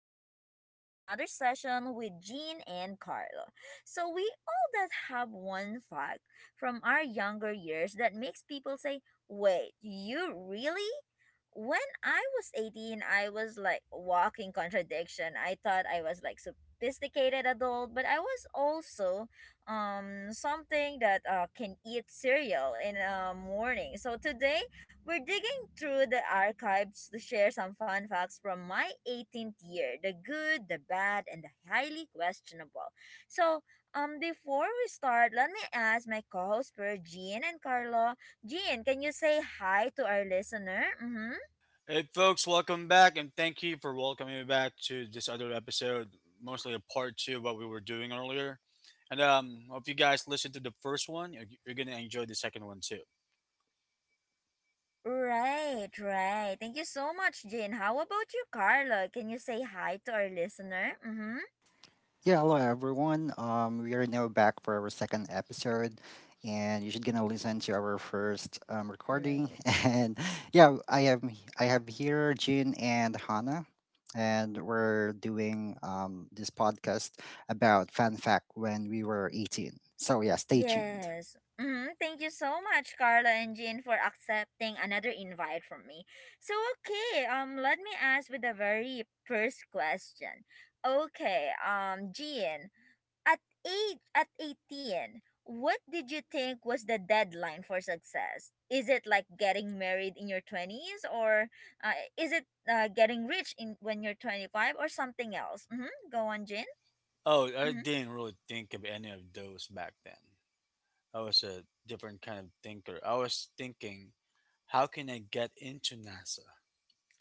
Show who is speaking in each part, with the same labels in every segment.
Speaker 1: and welcome to another session with Jean and Carlo. So, we all that have one fact from our younger years that makes people say, wait, you really? When I was 18, I was like walking contradiction. I thought I was like sophisticated adult, but I was also something that can eat cereal in a morning. So today we're digging through the archives to share some fun facts from my 18th year, the good, the bad, and the highly questionable. So, before we start, let me ask my co host, Per Jean and Carlo. Jean, can you say hi to our listener? Mm-hmm.
Speaker 2: Hey, folks, welcome back, and thank you for welcoming me back to this other episode, mostly a part two of what we were doing earlier. And Hope you guys listened to the first one. You're gonna enjoy the second one too.
Speaker 1: Right, right. Thank you so much, Jean. How about you, Carlo? Can you say hi to our listener? Mm-hmm.
Speaker 3: Yeah, hello everyone. We are now back for our second episode, and you should gonna listen to our first recording.
Speaker 1: Right.
Speaker 3: And yeah, I have here Jin and Hannah, and we're doing this podcast about fan fact when we were 18. So yeah, stay tuned.
Speaker 1: Yes. Thank you so much, Carla and Jean, for accepting another invite from me. So, okay, let me ask with the very first question. Okay, Jean, at at 18, what did you think was the deadline for success? Is it like getting married in your twenties, or is it getting rich in when you're 25, or something else? Mm-hmm. Go on, Jean.
Speaker 2: Oh, I
Speaker 1: Mm-hmm.
Speaker 2: didn't really think of any of those back then. I was a different kind of thinker. I was thinking, how can I get into NASA?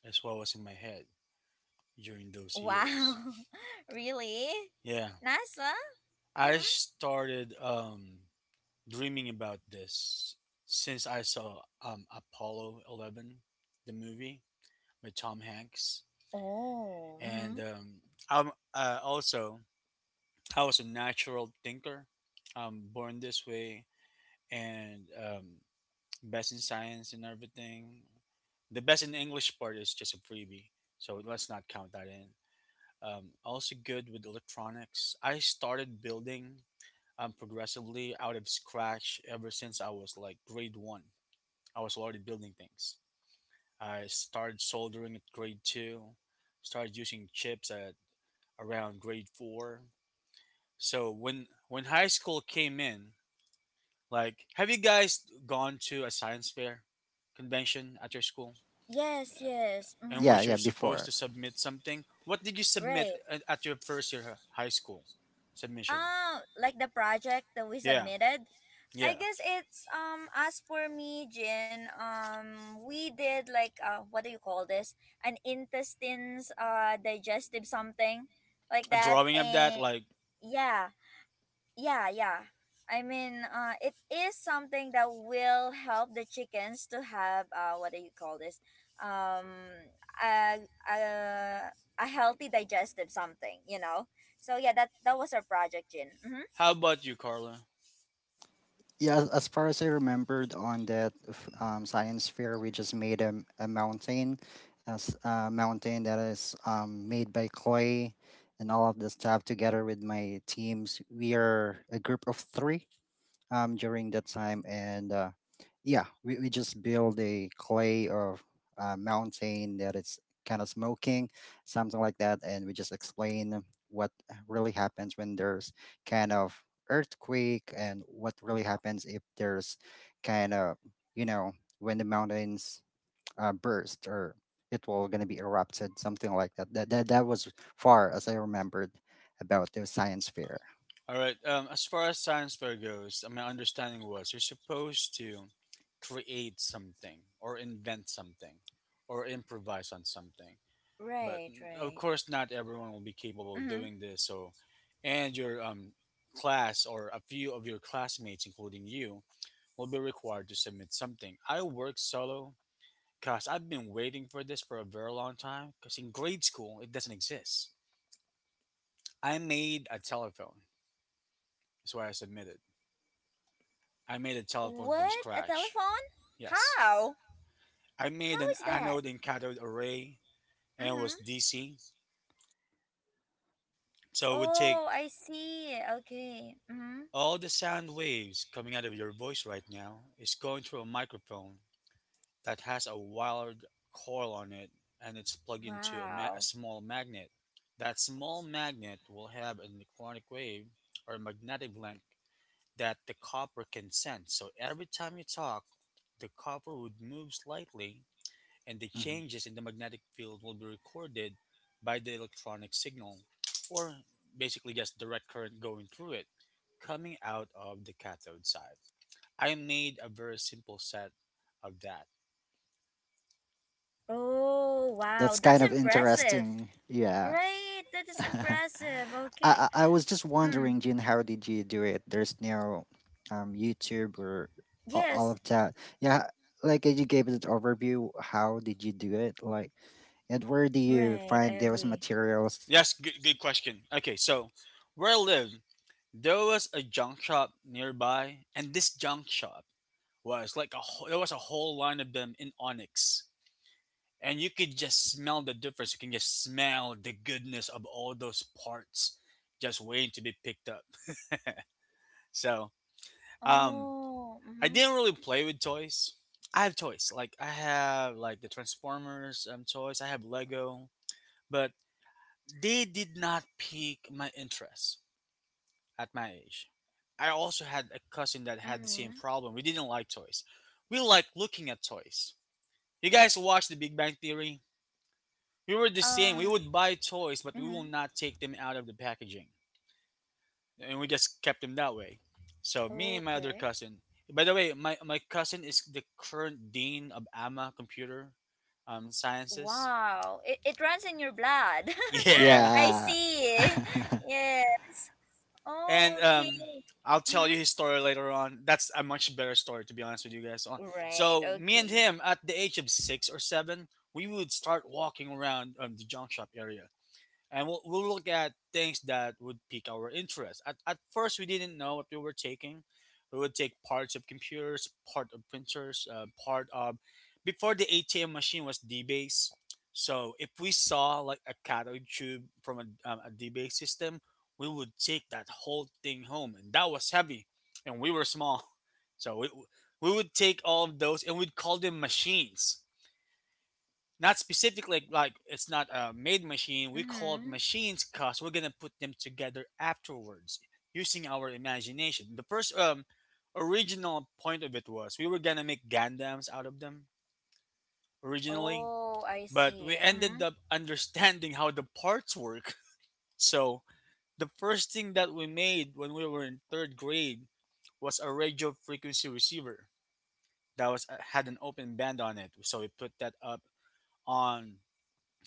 Speaker 2: That's what was in my head during those
Speaker 1: Wow.
Speaker 2: years.
Speaker 1: Really?
Speaker 2: Yeah,
Speaker 1: NASA?
Speaker 2: I
Speaker 1: Mm-hmm.
Speaker 2: started. Dreaming about this since I saw Apollo 11, the movie with Tom Hanks.
Speaker 1: Oh. Mm-hmm.
Speaker 2: And I'm also, I was a natural thinker. I'm born this way and best in science and everything. The best in English part is just a freebie, so let's not count that in. Also good with electronics. I started building progressively out of scratch ever since I was like grade one. I was already building things. I started soldering at grade two, started using chips at around grade four. So when high school came in, like, have you guys gone to a science fair convention at your school
Speaker 1: Yes, yes.
Speaker 2: in
Speaker 1: Mm-hmm.
Speaker 3: Yeah,
Speaker 2: which
Speaker 3: yeah,
Speaker 2: you're supposed
Speaker 3: before.
Speaker 2: to submit something? What did you submit
Speaker 1: Right.
Speaker 2: at your first year high school submission?
Speaker 1: Ah, like the project that we
Speaker 2: Yeah,
Speaker 1: submitted. I
Speaker 2: yeah,
Speaker 1: guess it's as for me, Jin, we did like what do you call this? An intestines digestive something like
Speaker 2: a
Speaker 1: that.
Speaker 2: drawing of
Speaker 1: And
Speaker 2: that. Like,
Speaker 1: yeah. Yeah, yeah, I mean it is something that will help the chickens to have what do you call this, um a a, a healthy digestive something. So yeah, that was our project, Jin. Mm-hmm.
Speaker 2: how about you, Carla?
Speaker 3: Yeah, as far as I remembered on that science fair, we just made a mountain, as a mountain that is made by clay and all of the stuff together with my teams. We are a group of three during that time. And yeah, we just build a clay or a mountain that is kind of smoking, something like that. And we just explain what really happens when there's kind of earthquake and what really happens if there's kind of, you know, when the mountains burst or it will going to be erupted, something like that. That was far as I remembered about the science fair.
Speaker 2: All right. As far as science fair goes, my understanding was you're supposed to create something or invent something or improvise on something. But
Speaker 1: Right,
Speaker 2: of
Speaker 1: right.
Speaker 2: course, not everyone will be capable of
Speaker 1: Mm-hmm.
Speaker 2: doing this. So, and your class or a few of your classmates, including you, will be required to submit something. I work solo because I've been waiting for this for a very long time. Because in grade school, it doesn't exist. I made a telephone. That's why I submitted. I made a telephone from
Speaker 1: What, a
Speaker 2: scratch.
Speaker 1: telephone?
Speaker 2: Yes.
Speaker 1: how
Speaker 2: I made
Speaker 1: how
Speaker 2: an
Speaker 1: is that?
Speaker 2: anode and cathode array, and it was
Speaker 1: Mm-hmm.
Speaker 2: DC. So it would take
Speaker 1: Oh, I see. Okay. Mm-hmm.
Speaker 2: all the sound waves coming out of your voice right now is going through a microphone that has a wired coil on it, and it's plugged into a, a
Speaker 1: Wow.
Speaker 2: small magnet. That small magnet will have an electronic wave or a magnetic link that the copper can sense. So every time you talk, the copper would move slightly and the
Speaker 3: Mhm.
Speaker 2: changes in the magnetic field will be recorded by the electronic signal, or basically just direct current going through it, coming out of the cathode side. I made a very simple set of that.
Speaker 1: Oh, wow,
Speaker 3: That's
Speaker 1: that's
Speaker 3: kind of
Speaker 1: impressive.
Speaker 3: interesting. Yeah.
Speaker 1: Right, that is
Speaker 3: I,
Speaker 1: impressive. Okay.
Speaker 3: I was just
Speaker 1: Mm.
Speaker 3: wondering, Jin, how did you do it? There's no YouTube or all
Speaker 1: Yes.
Speaker 3: of that. Yeah, like you gave it an overview. How did you do it? Like, and where do you
Speaker 1: Right, I
Speaker 3: find those
Speaker 1: agree.
Speaker 3: materials?
Speaker 2: Yes, good question. Okay, so where I lived, there was a junk shop nearby, and this junk shop was like a there was a whole line of them in onyx and you could just smell the difference. You can just smell the goodness of all those parts just waiting to be picked up. So, um,
Speaker 1: Oh.
Speaker 2: I
Speaker 1: Mhm.
Speaker 2: didn't really play with toys. I have toys, like I have like the Transformers toys. I have Lego, but they did not pique my interest at my age. I also had a cousin that had the same
Speaker 1: Mhm.
Speaker 2: problem. We didn't like toys. We like looking at toys. You guys watch The Big Bang Theory? We were the same. We
Speaker 1: Um.
Speaker 2: would buy toys, but we will
Speaker 1: Mhm.
Speaker 2: not take them out of the packaging. And we just kept them that way. So me and my other
Speaker 1: Okay.
Speaker 2: cousin. By the way, my cousin is the current dean of AMA Computer Sciences.
Speaker 1: Wow. It runs in your blood.
Speaker 2: Yeah.
Speaker 1: I
Speaker 3: Yeah.
Speaker 1: see. Yeah. Oh.
Speaker 2: And
Speaker 1: Okay.
Speaker 2: I'll tell
Speaker 1: Mhm.
Speaker 2: you his story later on. That's a much better story, to be honest with you guys.
Speaker 1: Right.
Speaker 2: So me and
Speaker 1: Okay.
Speaker 2: him, at the age of six or seven, we would start walking around the junk shop area. And we'll look at things that would pique our interest. At first, we didn't know what we were taking. We would take parts of computers, part of printers, part of before the ATM machine was DBase. So if we saw like a cathode tube from a DBase system, we would take that whole thing home, and that was heavy, and we were small, so we would take all of those and we'd call them machines not specifically like, it's not a made machine. We call it
Speaker 1: Mhm.
Speaker 2: machines because we're gonna put them together afterwards using our imagination. The first original point of it was we were gonna make Gandams out of them originally,
Speaker 1: Oh, I
Speaker 2: but we
Speaker 1: see.
Speaker 2: ended
Speaker 1: Mhm.
Speaker 2: up understanding how the parts work. So the first thing that we made when we were in third grade was a radio frequency receiver that was had an open band on it. So we put that up on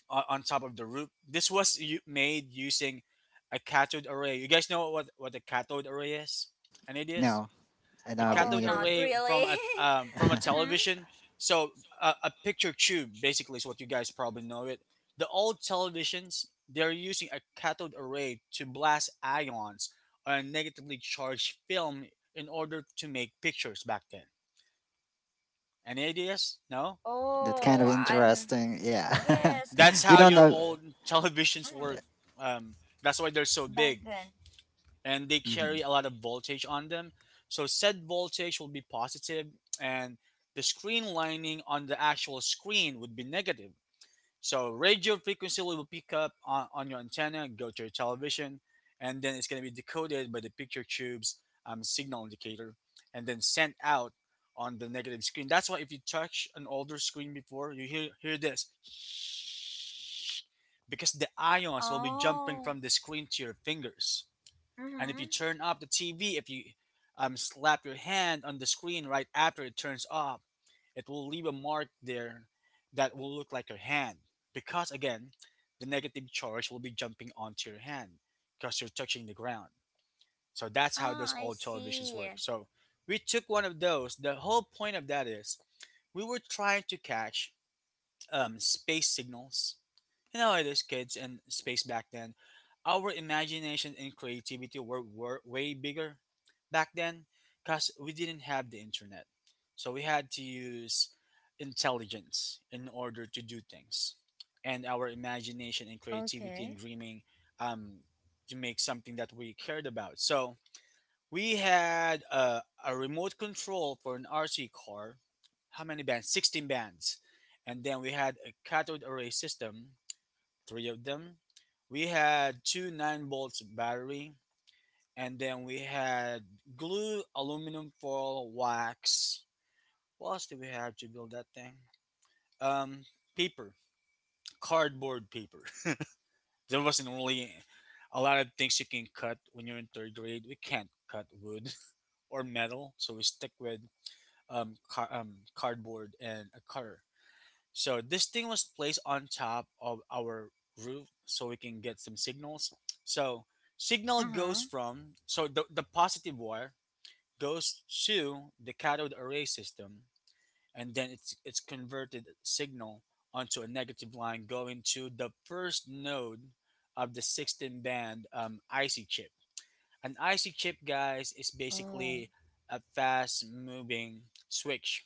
Speaker 2: on top of the roof. This was made using a cathode array. You guys know what a cathode array is? An idea is
Speaker 3: No, I
Speaker 2: a
Speaker 3: don't have
Speaker 1: Oh,
Speaker 2: cathode
Speaker 3: any
Speaker 1: not
Speaker 3: idea.
Speaker 2: array
Speaker 1: really.
Speaker 2: from a
Speaker 1: Mhm.
Speaker 2: television. So a picture tube basically is what you guys probably know it. The old televisions they're using a cathode array to blast ions on a negatively charged film in order to make pictures back then. Any ideas? No.
Speaker 3: That's kind
Speaker 1: Oh,
Speaker 3: of
Speaker 1: I'm.
Speaker 3: interesting. Yeah.
Speaker 1: Yes.
Speaker 2: That's
Speaker 3: We
Speaker 2: how
Speaker 1: I
Speaker 3: don't
Speaker 2: your
Speaker 1: think.
Speaker 3: know.
Speaker 2: old televisions
Speaker 1: Mhm.
Speaker 2: work. Um, that's why they're so
Speaker 1: Back
Speaker 2: big,
Speaker 1: then.
Speaker 2: and they
Speaker 3: Mhm,
Speaker 2: carry a lot of voltage on them. So said voltage will be positive and the screen lining on the actual screen would be negative. So radio frequency will pick up on your antenna, go to your television, and then it's going to be decoded by the picture tube's signal indicator and then sent out on the negative screen. That's why if you touch an older screen before, you hear this because the ions will be jumping
Speaker 1: Oh.
Speaker 2: from the screen to your fingers. And if
Speaker 1: Mm-hmm.
Speaker 2: you turn off the TV, if you slap your hand on the screen right after it turns off, it will leave a mark there that will look like your hand. Because again, the negative charge will be jumping onto your hand because you're touching the ground. So that's how
Speaker 1: Ah,
Speaker 2: those
Speaker 1: I
Speaker 2: old televisions
Speaker 1: see.
Speaker 2: work. So we took one of those. The whole point of that is we were trying to catch space signals, you know, as kids in space back then, our imagination and creativity were way bigger back then because we didn't have the internet. So we had to use intelligence in order to do things. And our imagination and creativity
Speaker 1: Okay.
Speaker 2: and dreaming um, to make something that we cared about. So we had a remote control for an RC car. How many bands? 16 bands. And then we had a cathode array system three of them. We had two 9 volts battery, and then we had glue, aluminum foil, wax. What else did we have to build that thing? Um, Paper, cardboard paper. There wasn't really a lot of things you can cut when you're in third grade. We can't cut wood or metal, so we stick with cardboard and a cutter. So this thing was placed on top of our roof so we can get some signals. So signal
Speaker 1: Uh-huh.
Speaker 2: goes from so the positive wire goes to the cathode array system and then it's converted signal onto a negative line going to the first node of the 16 band IC chip. An IC chip guys is
Speaker 1: Oh.
Speaker 2: basically a fast moving switch.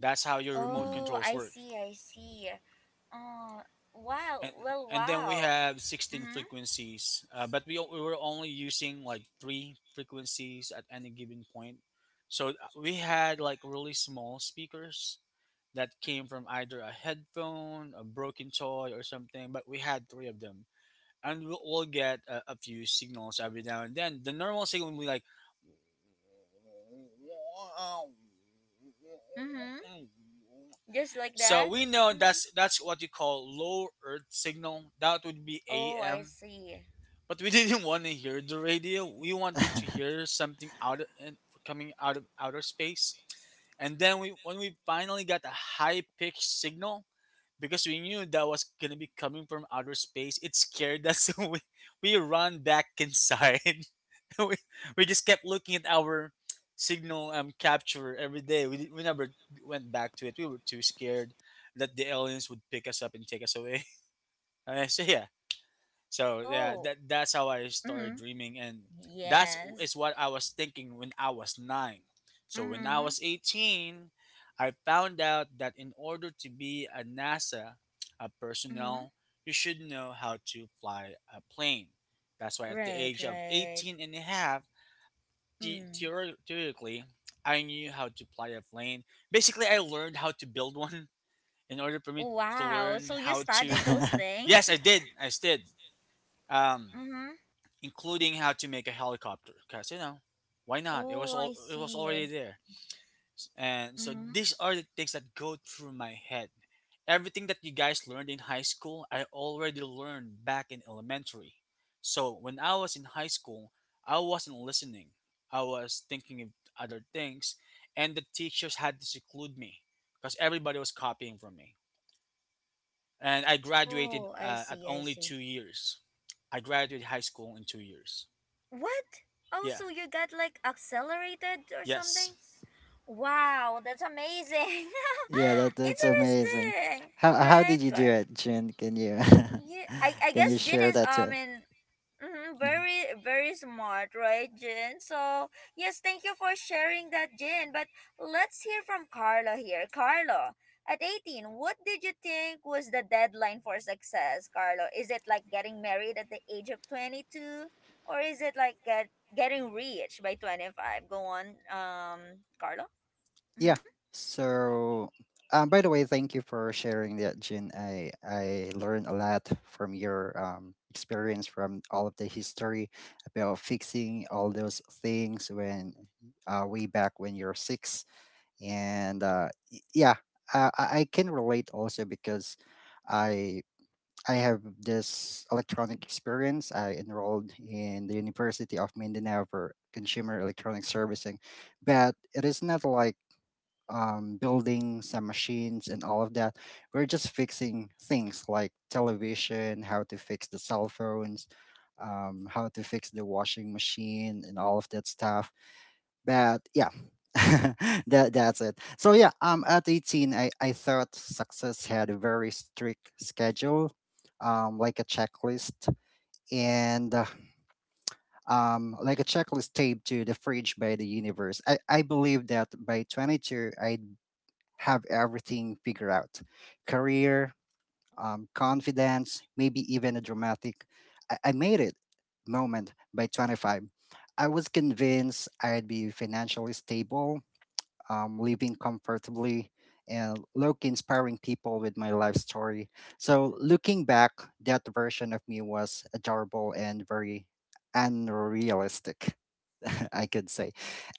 Speaker 2: That's how your remote
Speaker 1: Oh,
Speaker 2: controls
Speaker 1: I
Speaker 2: work.
Speaker 1: see, I see. Oh, wow.
Speaker 2: and
Speaker 1: Well,
Speaker 2: and then we
Speaker 1: wow.
Speaker 2: have 16
Speaker 1: Mm-hmm.
Speaker 2: frequencies but we were only using like three frequencies at any given point, so we had like really small speakers that came from either a headphone a broken toy or something but we had three of them and we'll get a few signals every now and then the normal signal would be like
Speaker 1: Mm-hmm. Just like
Speaker 2: so
Speaker 1: that?
Speaker 2: we know
Speaker 1: Mm-hmm.
Speaker 2: that's what you call low earth signal. That would be
Speaker 1: Oh, I
Speaker 2: AM.
Speaker 1: see.
Speaker 2: But we didn't want to hear the radio. We wanted to hear something out of, and coming out of outer space. And then we when we finally got a high pitched signal because we knew that was going to be coming from outer space, it scared us. So we run back inside. we, we just kept looking at our signal capture every day. We never went back to it. We were too scared that the aliens would pick us up and take us away. Uh, so yeah, so yeah,
Speaker 1: Oh.
Speaker 2: that's how I started
Speaker 1: Mm-hmm.
Speaker 2: dreaming, and that's
Speaker 1: Yes.
Speaker 2: is what I was thinking when I was nine. So when I
Speaker 1: Mm-hmm.
Speaker 2: was 18, I found out that in order to be a NASA a
Speaker 1: Mm-hmm.
Speaker 2: personnel, you should know how to fly a plane. That's why at the
Speaker 1: Right,
Speaker 2: age of
Speaker 1: right.
Speaker 2: 18 and a half
Speaker 1: Mm.
Speaker 2: theoretically, I knew how to apply a plane. Basically, I learned how to build one in order for me to
Speaker 1: Wow.
Speaker 2: learn
Speaker 1: So you
Speaker 2: how
Speaker 1: studied
Speaker 2: to.
Speaker 1: those
Speaker 3: mhm.
Speaker 1: things?
Speaker 2: Yes, I did. I did. Um,
Speaker 1: Mm-hmm.
Speaker 2: Including how to make a helicopter, because why not? It was
Speaker 1: Oh, I
Speaker 2: all. It was
Speaker 1: see. I
Speaker 2: already there, and so
Speaker 1: see.
Speaker 2: these are the things that go through my head. Everything that you guys learned in high school, I already learned back in elementary. So when I was in high school, I wasn't listening. I was thinking of other things, and the teachers had to seclude me because everybody was copying from me. And I graduated
Speaker 1: Oh, I
Speaker 2: at
Speaker 1: see, I
Speaker 2: only
Speaker 1: see.
Speaker 2: 2 years. I graduated high school in 2 years.
Speaker 1: What? Oh,
Speaker 2: Yeah.
Speaker 1: so you got like accelerated or something?
Speaker 2: Yes.
Speaker 1: Wow, that's amazing.
Speaker 3: Yeah, that that's amazing.
Speaker 1: Interesting,
Speaker 3: How
Speaker 1: right?
Speaker 3: did you do it, Jun? Can you
Speaker 1: Yeah, I
Speaker 3: can
Speaker 1: guess
Speaker 3: you
Speaker 1: Jin
Speaker 3: share
Speaker 1: is
Speaker 3: that to?
Speaker 1: in. Mm-hmm,
Speaker 3: Mhm.
Speaker 1: very, very smart, right, Jin? So, yes, thank you for sharing that, Jin. But let's hear from Carla here. Carlo, at 18, what did you think was the deadline for success, Carlo? Is it like getting married at the age of 22? Or is it like getting rich by 25? Go on, Carlo?
Speaker 3: Yeah.
Speaker 1: Mm-hmm.
Speaker 3: So, by the way, thank you for sharing that, Jin. I learned a lot from your experience from all of the history about fixing all those things when way back when you're six, and yeah, I can relate also because. I I have this electronic experience. I enrolled in the University of Mindanao for consumer electronic servicing, but it is not like building some machines and all of that. We're just fixing things like television, how to fix the cell phones, how to fix the washing machine, and all of that stuff. But yeah, that's it. So yeah, at 18, I thought success had a very strict schedule, like a checklist and. Like a checklist taped to the fridge by the universe. I believe that by 22, I'd have everything figured out career, confidence, maybe even a dramatic I made it moment by 25. I was convinced I'd be financially stable, living comfortably, and low inspiring people with my life story. So looking back, that version of me was adorable and very unrealistic. I could say.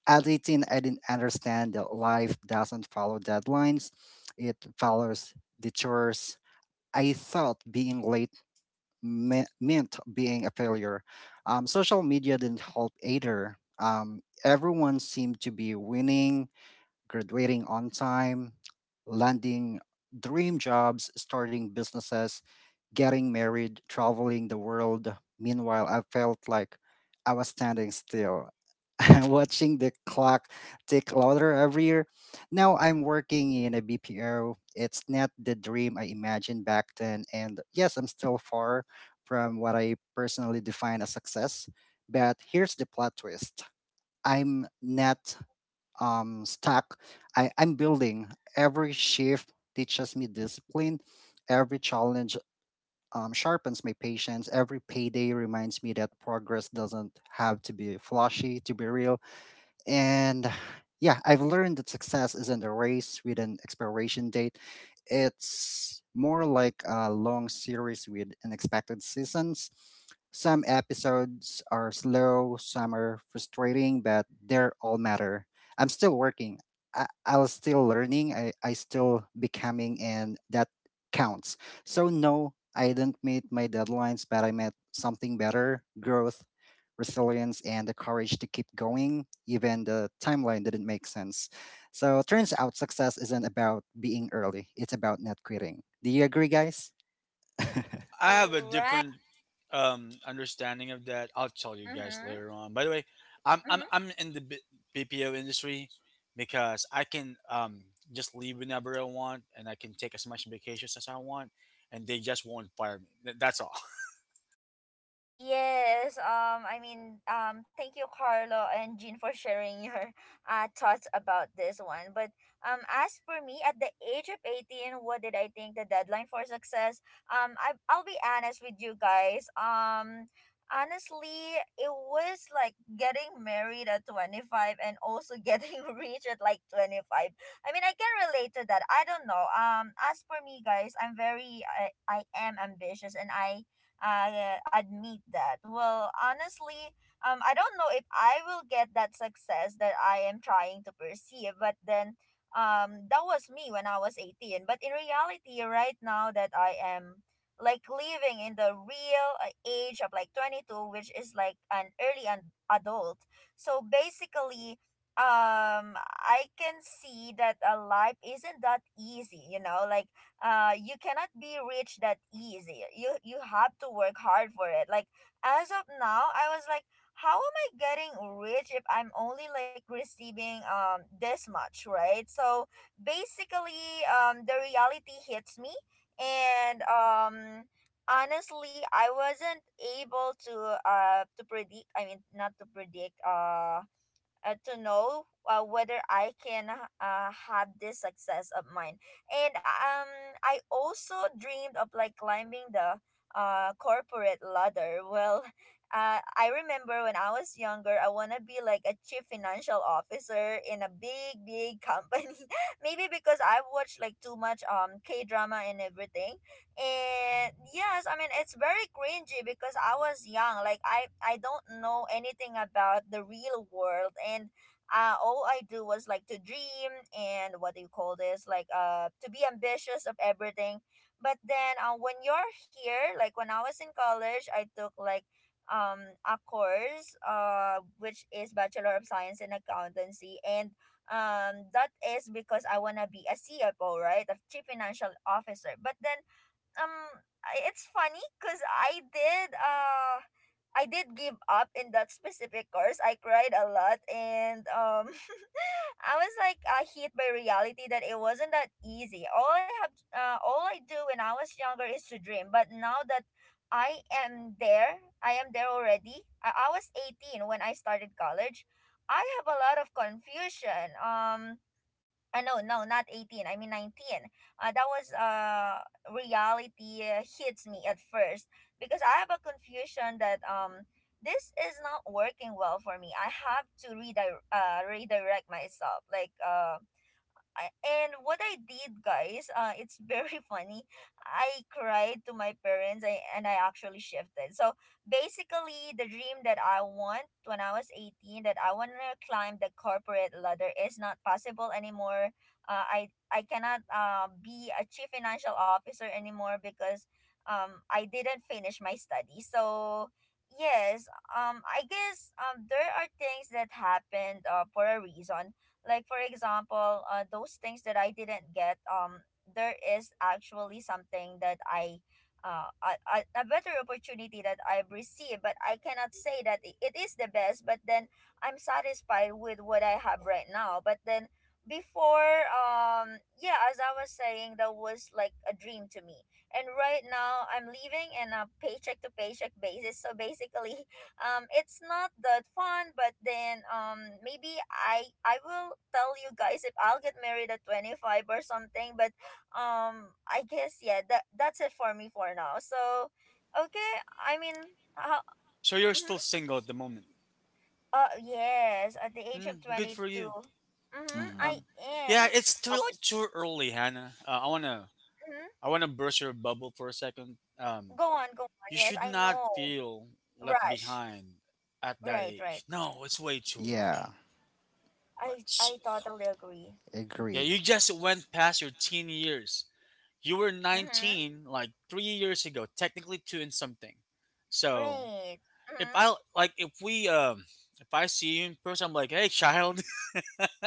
Speaker 3: At 18, I didn't understand that life doesn't follow deadlines, it follows detours. I thought being late meant being a failure. Social media didn't help either. Everyone seemed to be winning, graduating on time, landing dream jobs, starting businesses, getting married, traveling the world. Meanwhile, I felt like I was standing still, watching the clock tick louder every year. Now I'm working in a BPO. It's not the dream I imagined back then. And yes, I'm still far from what I personally define as success. But here's the plot twist: I'm not um, stack I'm building. Every shift teaches me discipline. Every challenge sharpens my patience. Every payday reminds me that progress doesn't have to be flashy to be real, and yeah, I've learned that success isn't a race with an expiration date. It's more like a long series with unexpected seasons. Some episodes are slow, some are frustrating, but they're all matter. I'm still working. I was still learning. I still becoming, and that counts. So no, I didn't meet my deadlines, but I met something better: growth, resilience, and the courage to keep going, even the timeline didn't make sense. So turns out success isn't about being early, it's about not quitting. Do you agree, guys?
Speaker 2: I have a
Speaker 1: Right.
Speaker 2: different understanding of that. I'll tell you guys
Speaker 1: Mm-hmm.
Speaker 2: later on. By the way, I'm in the BPO industry because I can just leave whenever I want, and I can take as much vacations as I want, and they just won't fire me. That's all.
Speaker 1: Yes, I mean, thank you, Carlo and Jean, for sharing your thoughts about this one. But as for me, at the age of 18, what did I think the deadline for success? I'll be honest with you guys. Honestly, it was like getting married at 25 and also getting rich at like 25. I mean, I can relate to that. I don't know. As for me, guys, I am ambitious, and I admit that. Well, honestly, I don't know if I will get that success that I am trying to perceive, but then that was me when I was 18. But in reality, right now that I am like living in the real age of like 22, which is like an adult. So basically, I can see that a life isn't that easy, like you cannot be rich that easy. You have to work hard for it. Like as of now, I was like, how am I getting rich if I'm only like receiving this much, right? So basically, the reality hits me. And honestly, I wasn't able to predict. I mean, not to predict, to know, whether I can have this success of mine. And I also dreamed of like climbing the corporate ladder. Well, I remember when I was younger, I want to be like a chief financial officer in a big, big company. Maybe because I've watched like too much K drama and everything. And yes, I mean it's very cringy because I was young, like I don't know anything about the real world. And all I do was like to dream, and what do you call this, like to be ambitious of everything. But then when you're here, like when I was in college, I took like um a course which is bachelor of science in accountancy. And that is because I want to be a CFO, right, a chief financial officer. But then um it's funny because I did give up in that specific course. I cried a lot, and I was like, hit by reality that it wasn't that easy. All I do when I was younger is to dream. But now that I am there already. I was 18 when I started college. I have a lot of confusion. No, no, not 18. I mean 19. That was reality hits me at first, because I have a confusion that this is not working well for me. I have to redirect, myself. Like I, and what I did, guys, it's very funny. I cried to my parents. And I actually shifted. So basically, the dream that I want when I was 18 that I want to climb the corporate ladder is not possible anymore. I cannot, be a chief financial officer anymore, because I didn't finish my study. So yes, I guess there are things that happened for a reason. Like for example, those things that I didn't get, there is actually something that I a better opportunity that I've received, but I cannot say that it is the best. But then I'm satisfied with what I have right now. But then before, yeah, as I was saying, that was like a dream to me. And right now, I'm living in a paycheck to paycheck basis. So basically, it's not that fun. But then maybe I will tell you guys if I'll get married at 25 or something. But I guess yeah, that's it for me for now. So okay, I mean, how
Speaker 2: So you're
Speaker 1: mm-hmm.
Speaker 2: still single at the moment.
Speaker 1: Yes, at the age of
Speaker 2: Mm, good for
Speaker 1: 22.
Speaker 2: you.
Speaker 1: Mm-hmm. I
Speaker 3: Mm.
Speaker 2: Um,
Speaker 1: am.
Speaker 2: yeah, it's
Speaker 1: How about
Speaker 2: too early, Hannah. I wanna
Speaker 1: mhm,
Speaker 2: I wanna burst your bubble for a second.
Speaker 1: go on, go on,
Speaker 2: You
Speaker 1: yes,
Speaker 2: should
Speaker 1: I
Speaker 2: not
Speaker 1: know,
Speaker 2: feel left
Speaker 1: rush.
Speaker 2: behind at that
Speaker 1: Right, right.
Speaker 2: age. No, it's way too
Speaker 3: Yeah,
Speaker 2: early.
Speaker 1: i
Speaker 2: Like,
Speaker 1: i
Speaker 2: s-
Speaker 1: totally agree.
Speaker 2: yeah,
Speaker 3: agree.
Speaker 2: you just went past your teen years. You were
Speaker 1: Mm-hmm.
Speaker 2: 19 like 3 years ago, technically two and something. So
Speaker 1: Right. Mm-hmm.
Speaker 2: if we if I see you in person, I'm like, hey, child,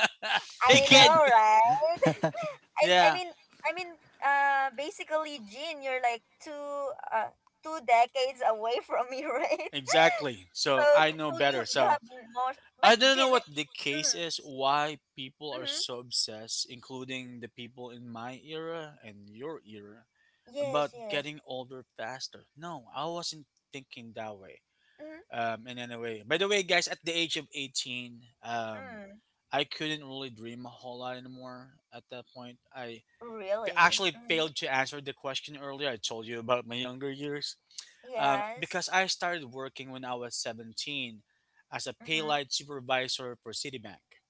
Speaker 2: hey,
Speaker 1: I know,
Speaker 2: kid.
Speaker 1: right? I I
Speaker 2: Yeah,
Speaker 1: mean I mean basically, Jean, you're like two decades away from me, right?
Speaker 2: exactly. So
Speaker 1: So
Speaker 2: I know
Speaker 1: so you
Speaker 2: better.
Speaker 1: you have
Speaker 2: So
Speaker 1: more. But
Speaker 2: I don't know
Speaker 1: Jean
Speaker 2: what the
Speaker 1: mm,
Speaker 2: case is, why people are
Speaker 1: mm-hmm.
Speaker 2: so obsessed, including the people in my era and your era, about
Speaker 1: Yes, yes.
Speaker 2: getting older faster. No, I wasn't thinking that way.
Speaker 1: Mm-hmm.
Speaker 2: In any way, by the way, guys, at the age of 18,
Speaker 1: Mm.
Speaker 2: I couldn't really dream a whole lot anymore at that point.
Speaker 1: Really?
Speaker 2: Actually
Speaker 1: Mm-hmm.
Speaker 2: failed to answer the question earlier. I told you about my younger years.
Speaker 1: Yes.
Speaker 2: Because I started working when I was 17 as a pay
Speaker 1: Mm-hmm.
Speaker 2: light supervisor for Citibank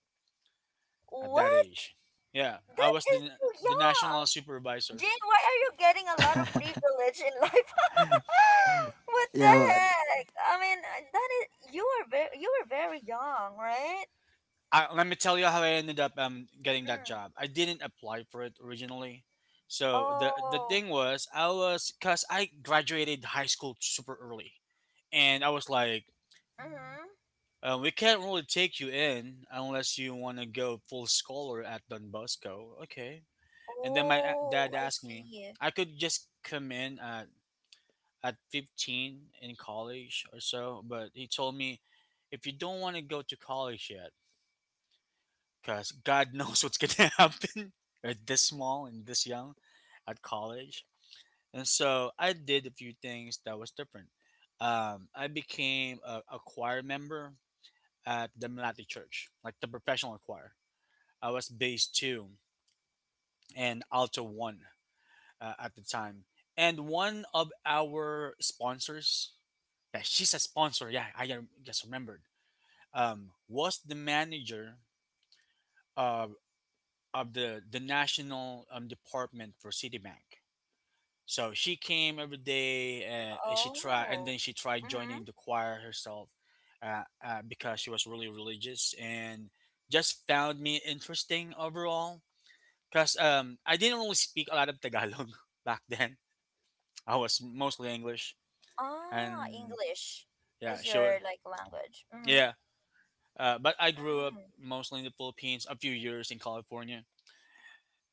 Speaker 2: at that
Speaker 1: What?
Speaker 2: age. Yeah, I
Speaker 1: That
Speaker 2: was
Speaker 1: is too
Speaker 2: the
Speaker 1: young.
Speaker 2: national supervisor.
Speaker 1: Jane, why are you getting a lot of privilege in life? What the
Speaker 3: Yeah,
Speaker 1: heck? I mean, that is you are very young, right?
Speaker 2: Let me tell you how I ended up getting that
Speaker 1: Mm.
Speaker 2: job. I didn't apply for it originally. So the
Speaker 1: Oh.
Speaker 2: thing was, I was because I graduated high school super early, and I was like,
Speaker 1: Mhm.
Speaker 2: we can't really take you in unless you want to go full scholar at Don Bosco. Okay. And then my
Speaker 1: Oh,
Speaker 2: dad
Speaker 1: I
Speaker 2: asked me,
Speaker 1: see.
Speaker 2: I could just come in at 15 in college or so, but he told me, if you don't want to go to college yet, because God knows what's going to happen at this small and this young at college. And so I did a few things that was different. I became a choir member at the Malati Church, like the professional choir. I was bass two and alto one at the time. And one of our sponsors, yeah, she's a sponsor. Yeah, I just remembered. Was the manager of of the national department for Citibank. So she came every day. And she tried, and
Speaker 1: Oh.
Speaker 2: then she tried
Speaker 1: Mhm.
Speaker 2: joining the choir herself because she was really religious and just found me interesting overall. Cause I didn't really speak a lot of Tagalog back then. I was mostly English.
Speaker 1: Ah,
Speaker 2: And
Speaker 1: English
Speaker 2: yeah,
Speaker 1: is
Speaker 2: sure,
Speaker 1: your like language. Mhm.
Speaker 2: yeah. But I grew up
Speaker 1: Mm.
Speaker 2: mostly in the Philippines, a few years in California,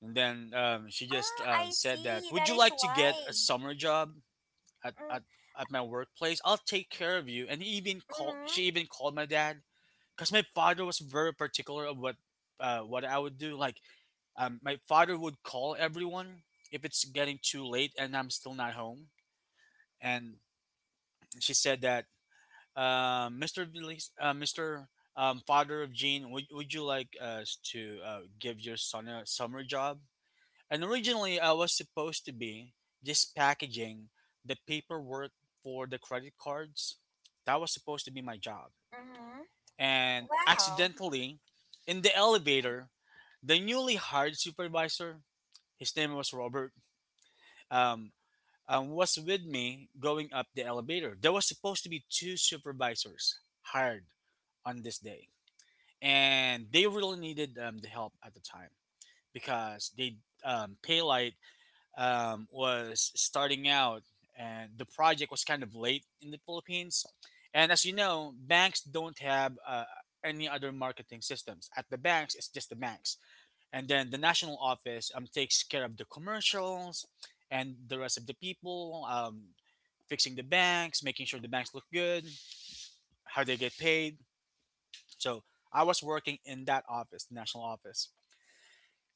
Speaker 2: and then she just
Speaker 1: Ah, I
Speaker 2: said that,
Speaker 1: see.
Speaker 2: "Would
Speaker 1: That
Speaker 2: you
Speaker 1: is
Speaker 2: like to get a
Speaker 1: why.
Speaker 2: summer job at,
Speaker 1: Mm.
Speaker 2: at at my workplace? I'll take care of you." And he even call
Speaker 1: Mhm.
Speaker 2: she even called my dad because my father was very particular of what I would do. Like, my father would call everyone if it's getting too late and I'm still not home, and she said that Mr. Mr. Father of Gene, would you like us to give your son a summer job? And originally, I was supposed to be just packaging the paperwork for the credit cards. That was supposed to be my job.
Speaker 1: Mhm.
Speaker 2: And
Speaker 1: Wow.
Speaker 2: accidentally, in the elevator, the newly hired supervisor, his name was Robert, um, was with me going up the elevator. There was supposed to be two supervisors hired on this day, and they really needed the help at the time because they Paylight was starting out, and the project was kind of late in the Philippines. And as you know, banks don't have any other marketing systems. At the banks, it's just the banks and then the national office takes care of the commercials and the rest of the people fixing the banks, making sure the banks look good, how they get paid. So I was working in that office, the national office,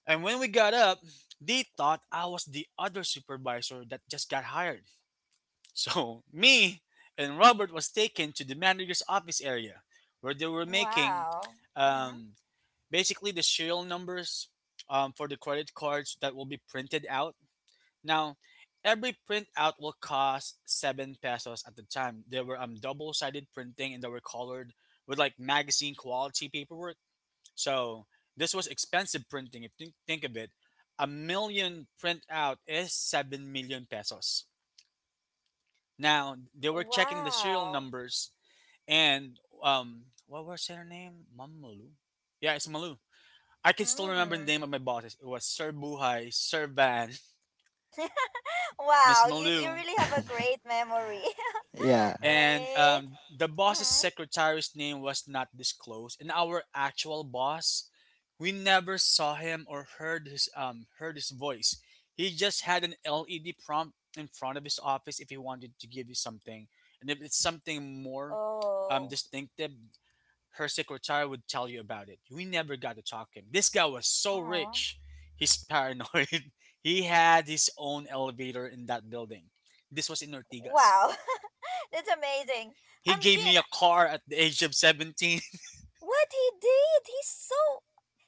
Speaker 2: and when we got up, they thought I was the other supervisor that just got hired. So me and Robert was taken to the manager's office area, where they were making
Speaker 1: Wow. Mhm.
Speaker 2: um, basically the serial numbers for the credit cards that will be printed out. Now, every printout will cost seven pesos at the time. There were double sided printing and they were colored with like magazine quality paperwork. So this was expensive printing. If you think of it, a million printout is 7 million pesos. Now they were checking the serial
Speaker 1: Wow.
Speaker 2: numbers and what was her name? Ma'am Malu? Yeah, it's Malu. I can still remember the
Speaker 1: Mm.
Speaker 2: name of my bosses. It was Sir Buhai, Sir Van, Miss
Speaker 1: Wow, you
Speaker 2: Malu.
Speaker 1: really have a great memory,
Speaker 3: yeah,
Speaker 2: And
Speaker 1: right?
Speaker 2: um the boss's
Speaker 1: Mm-hmm.
Speaker 2: secretary's name was not disclosed. And our actual boss, we never saw him or heard his voice. He just had an LED prompt in front of his office if he wanted to give you something, and if it's something more
Speaker 1: Oh.
Speaker 2: distinctive, her secretary would tell you about it. We never got to talk to him. This guy was
Speaker 1: Uh
Speaker 2: so
Speaker 1: huh.
Speaker 2: rich, he's paranoid. He had his own elevator in that building. This was in Ortigas.
Speaker 1: Wow, that's amazing.
Speaker 2: He gave
Speaker 1: Jean,
Speaker 2: me a car at the age of 17.
Speaker 1: what he did? He's so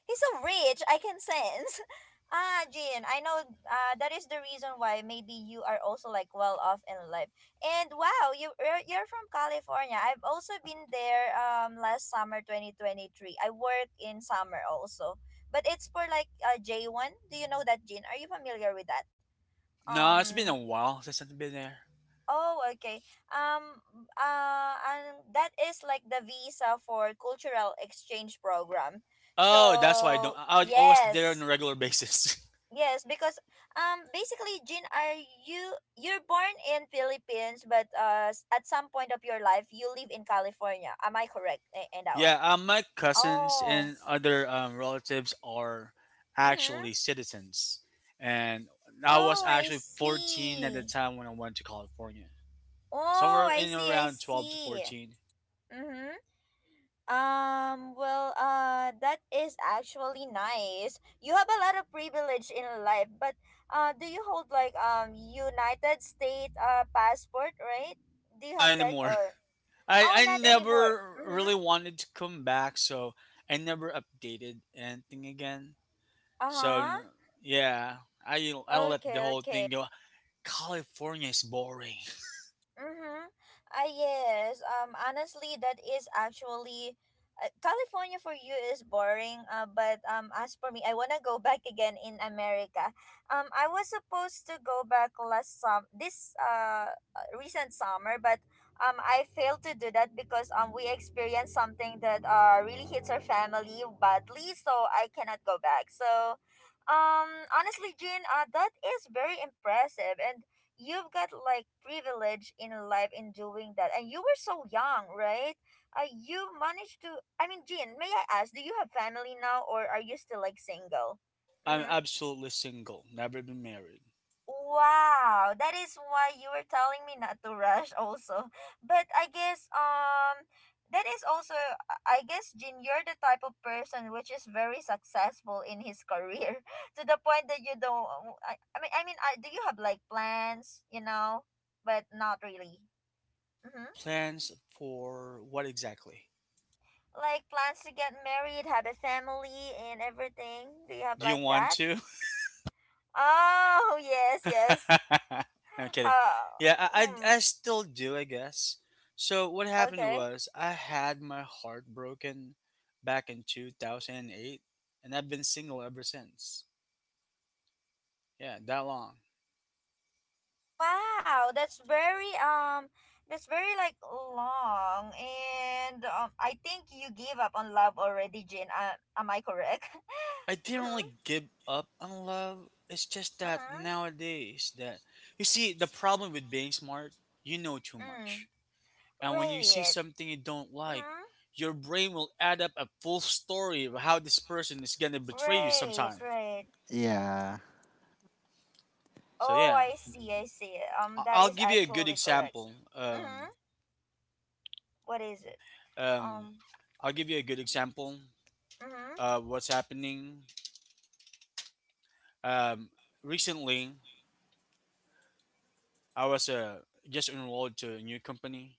Speaker 1: he's so rich. I can sense. Ah, Jean, I know, that is the reason why maybe you are also like well off in life. And wow, you're from California. I've also been there last summer 2023. I work in summer also. But it's for like J1. Do you know that, Jean? Are you familiar with that?
Speaker 2: No, it's been
Speaker 1: Um
Speaker 2: a while since I've been there.
Speaker 1: Oh, okay. Um, and that is like the visa for cultural exchange program.
Speaker 2: Oh, that's why I don't.
Speaker 1: So
Speaker 2: I was there on
Speaker 1: yes,
Speaker 2: a regular basis.
Speaker 1: yes, because basically, Jean, are you you're born in Philippines, but at some point of your life, you live in California. Am I correct in that one?
Speaker 2: Yeah, my cousins
Speaker 1: Oh.
Speaker 2: and other relatives are
Speaker 1: Mm-hmm.
Speaker 2: actually citizens. And I
Speaker 1: Oh,
Speaker 2: was
Speaker 1: I
Speaker 2: actually 14 at the
Speaker 1: see.
Speaker 2: time when I went to California.
Speaker 1: Oh,
Speaker 2: Somewhere
Speaker 1: I
Speaker 2: in
Speaker 1: see. I
Speaker 2: around 12 to
Speaker 1: see.
Speaker 2: 14.
Speaker 1: Mm-hmm. Well, that is actually nice. You have a lot of privilege in life, but do you hold like United States passport, right? Do you
Speaker 2: Not
Speaker 1: have that,
Speaker 2: anymore.
Speaker 1: or oh,
Speaker 2: I
Speaker 1: not anymore.
Speaker 2: never
Speaker 1: Mm-hmm.
Speaker 2: really wanted to come back, so I never updated anything again. So
Speaker 1: Uh-huh.
Speaker 2: n- yeah, I let the
Speaker 1: Okay,
Speaker 2: whole
Speaker 1: okay.
Speaker 2: thing go. California is boring.
Speaker 1: Mm-hmm. Ah, yes. Honestly, that is actually California for you is boring. But as for me, I wanna go back again in America. I was supposed to go back last sum this recent summer, but I failed to do that because we experienced something that really hits our family badly, so I cannot go back. So, honestly, Jean, that is very impressive, and you've got like privilege in life in doing that, and you were so young, right? You managed to. I mean, Jean, may I ask, do you have family now, or are you still like single?
Speaker 2: I'm
Speaker 1: Mm-hmm.
Speaker 2: absolutely single, never been married.
Speaker 1: Wow, that is why you were telling me not to rush also. But I guess, that is also, I guess, Jean, you're the type of person which is very successful in his career to the point that you don't. Do you have like plans. But not really. Mm-hmm.
Speaker 2: Plans for what exactly?
Speaker 1: Like plans to get married, have a family, and everything. Do you have
Speaker 2: Do you
Speaker 1: like
Speaker 2: want
Speaker 1: that?
Speaker 2: to?
Speaker 1: Oh, yes, yes.
Speaker 2: I'm kidding.
Speaker 1: How?
Speaker 2: Yeah,
Speaker 1: Mm,
Speaker 2: I still do, I guess. So what happened
Speaker 1: okay.
Speaker 2: was I had my heart broken back in 2008, and I've been single ever since. Yeah, that long.
Speaker 1: Wow, that's very like long, and I think you gave up on love already, Jane. Am I correct?
Speaker 2: I didn't
Speaker 1: Mm-hmm.
Speaker 2: really give up on love. It's just that
Speaker 1: Mm-hmm.
Speaker 2: nowadays that you see the problem with being smart, you know too
Speaker 1: Mm.
Speaker 2: much. And when you see
Speaker 1: Right.
Speaker 2: something you don't like,
Speaker 1: Mm-hmm.
Speaker 2: your brain will add up a full story of how this person is gonna betray you
Speaker 1: Right.
Speaker 2: sometime.
Speaker 1: Right.
Speaker 3: yeah.
Speaker 2: So
Speaker 1: Oh,
Speaker 2: yeah,
Speaker 1: I see. I see. That
Speaker 2: I'll
Speaker 1: is
Speaker 2: give you a good
Speaker 1: actually correct.
Speaker 2: example.
Speaker 1: Mm-hmm. What is it?
Speaker 2: Um,
Speaker 1: Um.
Speaker 2: I'll give you a good example
Speaker 1: Mm-hmm.
Speaker 2: of what's happening. Um, Recently, I was just enrolled to a new company,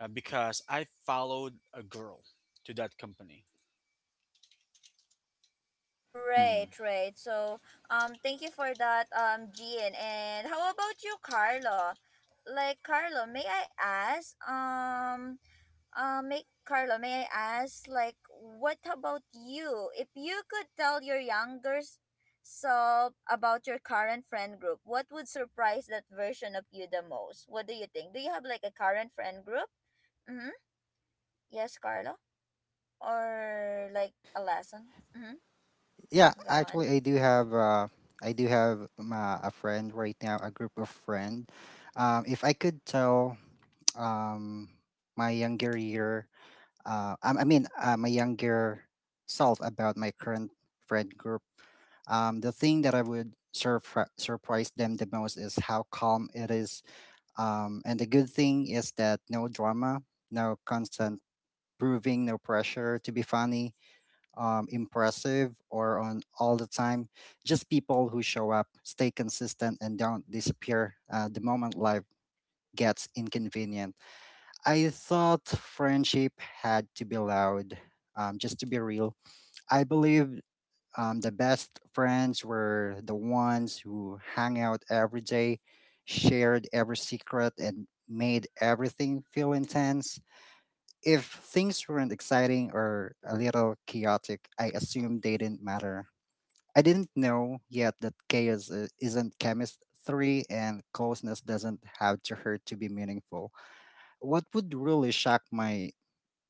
Speaker 2: because I followed a girl to that company.
Speaker 1: Right,
Speaker 3: Mm.
Speaker 1: right. So, thank you for that, Jean. And how about you, Carlo? Like, Carlo, may I ask, may Carlo, may I ask, like, what about you? If you could tell your self about your current friend group, what would surprise that version of you the most? What do you think? Do you have like a current friend group? Mm-hmm. Yes, Carlo. Or like a lesson? Mm-hmm.
Speaker 3: Yeah,
Speaker 1: Go on.
Speaker 3: actually, I do have a friend right now, a group of friend. If I could tell, um, my younger year, I mean, my younger self about my current friend group. The thing that I would surprise them the most is how calm it is. And the good thing is that no drama, no constant proving, no pressure to be funny, impressive, or on all the time. Just people who show up, stay consistent, and don't disappear the moment life gets inconvenient. I thought friendship had to be loud, just to be real. I believed the best friends were the ones who hung out every day, shared every secret, and made everything feel intense. If things weren't exciting or a little chaotic, I assumed they didn't matter. I didn't know yet that chaos isn't chemistry, and closeness doesn't have to hurt to be meaningful. What would really shock my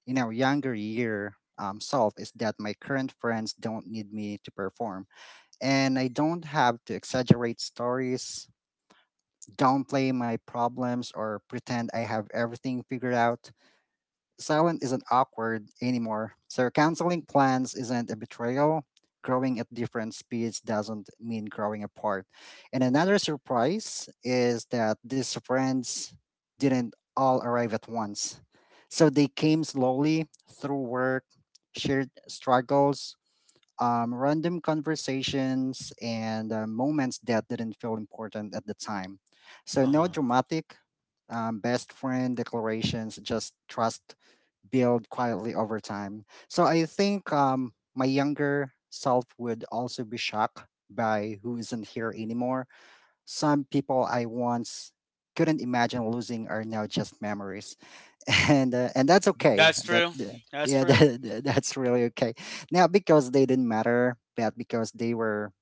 Speaker 3: younger year self is that my current friends don't need me to perform, and I don't have to exaggerate stories, downplay my problems, or pretend I have everything figured out. Silent isn't awkward anymore. So canceling plans isn't a betrayal. Growing at different speeds doesn't mean growing apart. And another surprise is that these friends didn't all arrive at once. So they came slowly through work, shared struggles, random conversations, and moments that didn't feel important at the time. So no
Speaker 2: Uh-huh.
Speaker 3: dramatic best friend declarations, just trust build quietly over time. So I think my younger self would also be shocked by who isn't here anymore. Some people I once couldn't imagine losing are now just memories, and that's okay.
Speaker 2: That's true. That's true.
Speaker 3: That's really okay. Not because they didn't matter, but because they were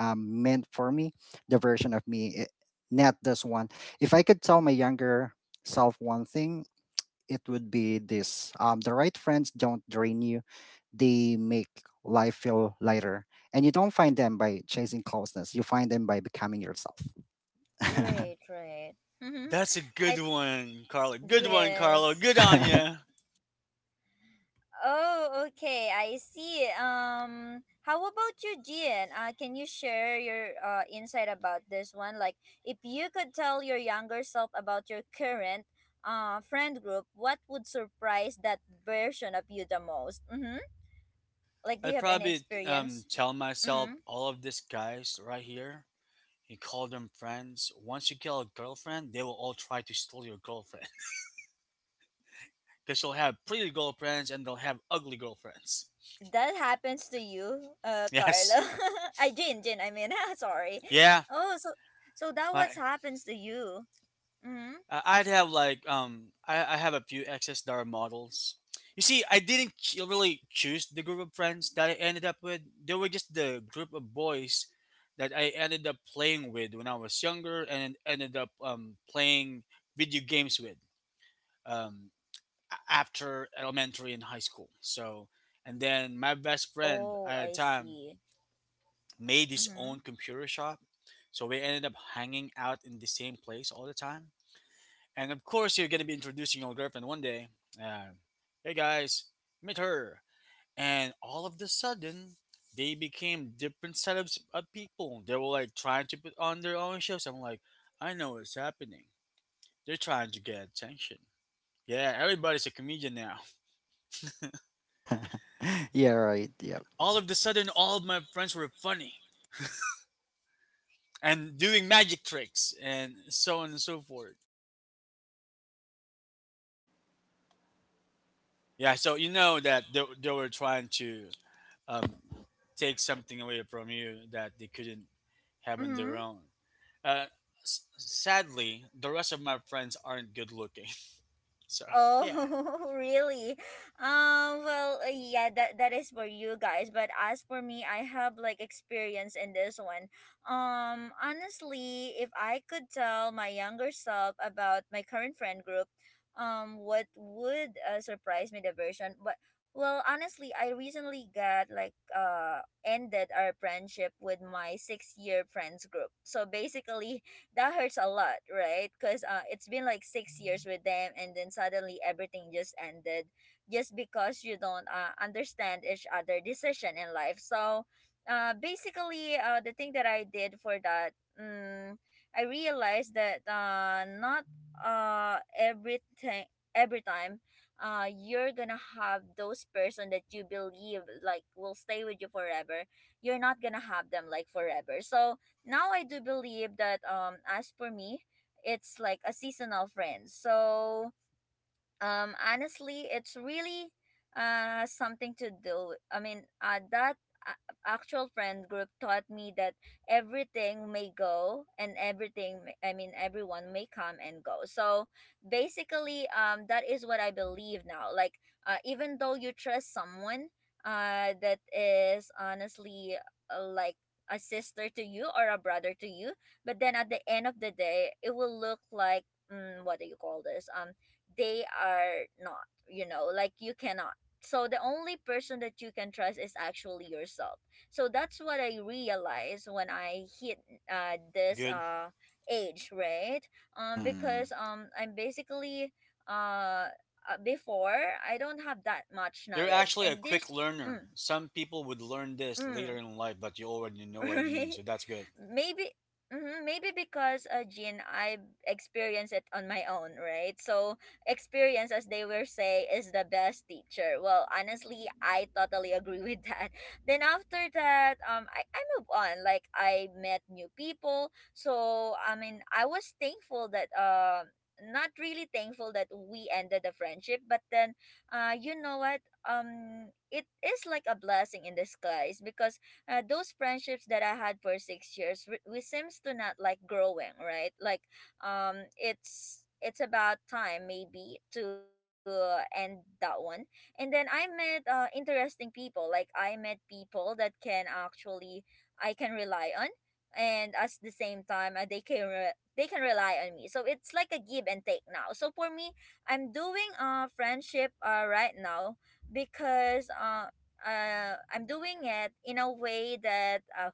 Speaker 3: meant for me, the version of me, it, not this one. If I could tell my younger self one thing, it would be this: the right friends don't drain you, they make life feel lighter, and you don't find them by chasing closeness, you find them by becoming yourself.
Speaker 1: Right, right. Mm-hmm.
Speaker 2: That's a
Speaker 1: I
Speaker 2: good one, Carlo. Good one, Carlo.
Speaker 1: Yes.
Speaker 2: Good on you.
Speaker 1: Oh, okay. I see. How about you, Gian? Can you share your insight about this one? Like, if you could tell your younger self about your current friend group, what would surprise that version of you the most? Mm-hmm. Like, do you
Speaker 2: I'd
Speaker 1: have any
Speaker 2: probably
Speaker 1: experience?
Speaker 2: tell myself
Speaker 1: Mm-hmm.
Speaker 2: all of these guys right here. You call them friends. Once you kill a girlfriend, they will all try to steal your girlfriend. Because you'll have pretty girlfriends and they'll have ugly girlfriends.
Speaker 1: That happens to you, Carla.
Speaker 2: Yes.
Speaker 1: Jin, I mean, sorry.
Speaker 2: Yeah.
Speaker 1: Oh, so that
Speaker 2: I,
Speaker 1: what happens to you. Mm-hmm.
Speaker 2: I'd have like I have a few XSDAR models. You see, I didn't ch- really choose the group of friends that I ended up with. They were just the group of boys that I ended up playing with when I was younger and ended up playing video games with um, after elementary and high school. So, and then my best friend
Speaker 1: Oh,
Speaker 2: at the
Speaker 1: I
Speaker 2: time
Speaker 1: see.
Speaker 2: made his
Speaker 1: Mm-hmm.
Speaker 2: own computer shop. So we ended up hanging out in the same place all the time, and of course, you're going to be introducing your girlfriend one day. And, hey guys, meet her. And all of the sudden, they became different set of people. They were like trying to put on their own shows. I'm like, I know what's happening. They're trying to get attention. Yeah, everybody's a comedian now.
Speaker 3: Yeah, right, yeah.
Speaker 2: All of the sudden, all of my friends were funny and doing magic tricks and so on and so forth. Yeah, so you know that they were trying to um, take something away from you that they couldn't having
Speaker 1: Mm-hmm.
Speaker 2: their own. Uh, sadly, the rest of my friends aren't good looking. So,
Speaker 1: Oh,
Speaker 2: yeah.
Speaker 1: really? Well, yeah, that is for you guys, but as for me, I have like experience in this one. Honestly, if I could tell my younger self about my current friend group, what would surprise me the version? But well, honestly, I recently got like ended our friendship with my 6 year friends group. So basically, that hurts a lot, right? Because it's been like 6 years with them, and then suddenly everything just ended, just because you don't, understand each other' decision in life. So, basically, the thing that I did for that, I realized that, not everything, every time you're gonna have those person that you believe like will stay with you forever. You're not gonna have them like forever. So now I do believe that, as for me, it's like a seasonal friend. So honestly, it's really something to do. I mean, that actual friend group taught me that everything may go, and everything may- I mean everyone may come and go. So basically, that is what I believe now. Like, even though you trust someone, that is honestly, like a sister to you or a brother to you, but then at the end of the day it will look like, what do you call this? They are not, like you cannot. So the only person that you can trust is actually yourself. So that's what I realized when I hit, this,
Speaker 2: Good.
Speaker 1: age, right?
Speaker 3: Mhm.
Speaker 1: Because I'm basically, uh before, I don't have that much
Speaker 2: You're
Speaker 1: knowledge,
Speaker 2: actually a
Speaker 1: and
Speaker 2: quick
Speaker 1: this.
Speaker 2: learner.
Speaker 1: mm,
Speaker 2: Some people would learn this later
Speaker 1: mm.
Speaker 2: in life, but you already know what it means,
Speaker 1: Right?
Speaker 2: so that's good.
Speaker 1: Maybe mhm, Maybe because Jean, I experienced it on my own, right? So experience as they were say is the best teacher. Well, honestly, I totally agree with that. Then after that, I move on. Like, I met new people. So I mean, I was thankful that, not really thankful that we ended the friendship, but then you know what, it is like a blessing in disguise, because those friendships that I had for 6 years, we seems to not like growing, right? Like, it's about time maybe to, end that one. And then I met, interesting people. Like, I met people that can actually I can rely on, and at the same time, they they can rely on me. So it's like a give and take now. So for me, I'm doing friendship right now, because I'm doing it in a way that,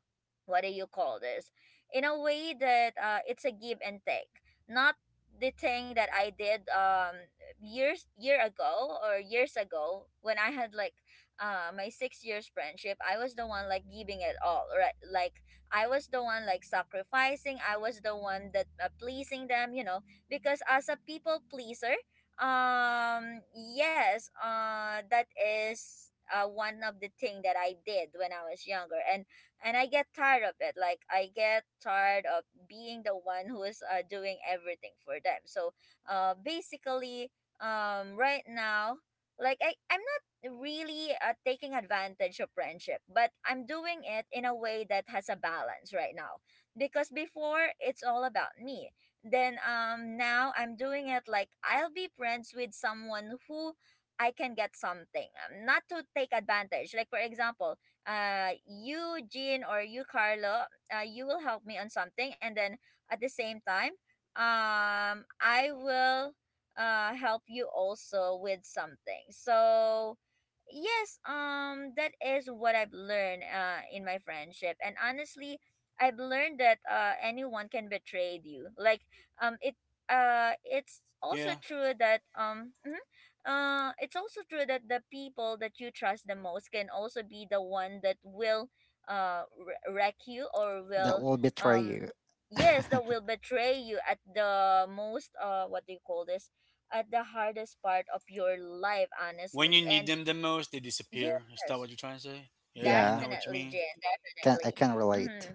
Speaker 1: what do you call this? In a way that, it's a give and take, not the thing that I did, years ago when I had like my 6 years friendship. I was the one like giving it all, right? Like, I was the one like sacrificing. I was the one that, pleasing them, you know, because as a people pleaser. Yes, that is one of the thing that I did when I was younger, and I get tired of it. Like, I get tired of being the one who is, doing everything for them. So, basically, right now, I'm not really, taking advantage of friendship, but I'm doing it in a way that has a balance right now, because before it's all about me, then now I'm doing it like I'll be friends with someone who I can get something. Not to take advantage. Like, for example, you Jean or you Carlo, you will help me on something, and then at the same time, I will help you also with something. So yes, that is what I've learned in my friendship. And honestly, I've learned that anyone can betray you. Like, um it it's also
Speaker 2: Yeah.
Speaker 1: true that, it's also true that the people that you trust the most can also be the one that will, wreck you, or
Speaker 3: That
Speaker 1: will,
Speaker 3: will betray
Speaker 1: um
Speaker 3: you.
Speaker 1: yes, that will betray you at the most, what do you call this, at the hardest part of your life,
Speaker 2: When
Speaker 1: honestly,
Speaker 2: you need
Speaker 1: and
Speaker 2: them the most, they disappear. Is that what
Speaker 1: yes,
Speaker 2: you're trying to say? Yeah, I
Speaker 3: Yeah,
Speaker 2: know what you
Speaker 1: definitely
Speaker 2: mean.
Speaker 1: Jen,
Speaker 3: can I
Speaker 1: definitely.
Speaker 3: can
Speaker 1: Mm-hmm.
Speaker 3: relate.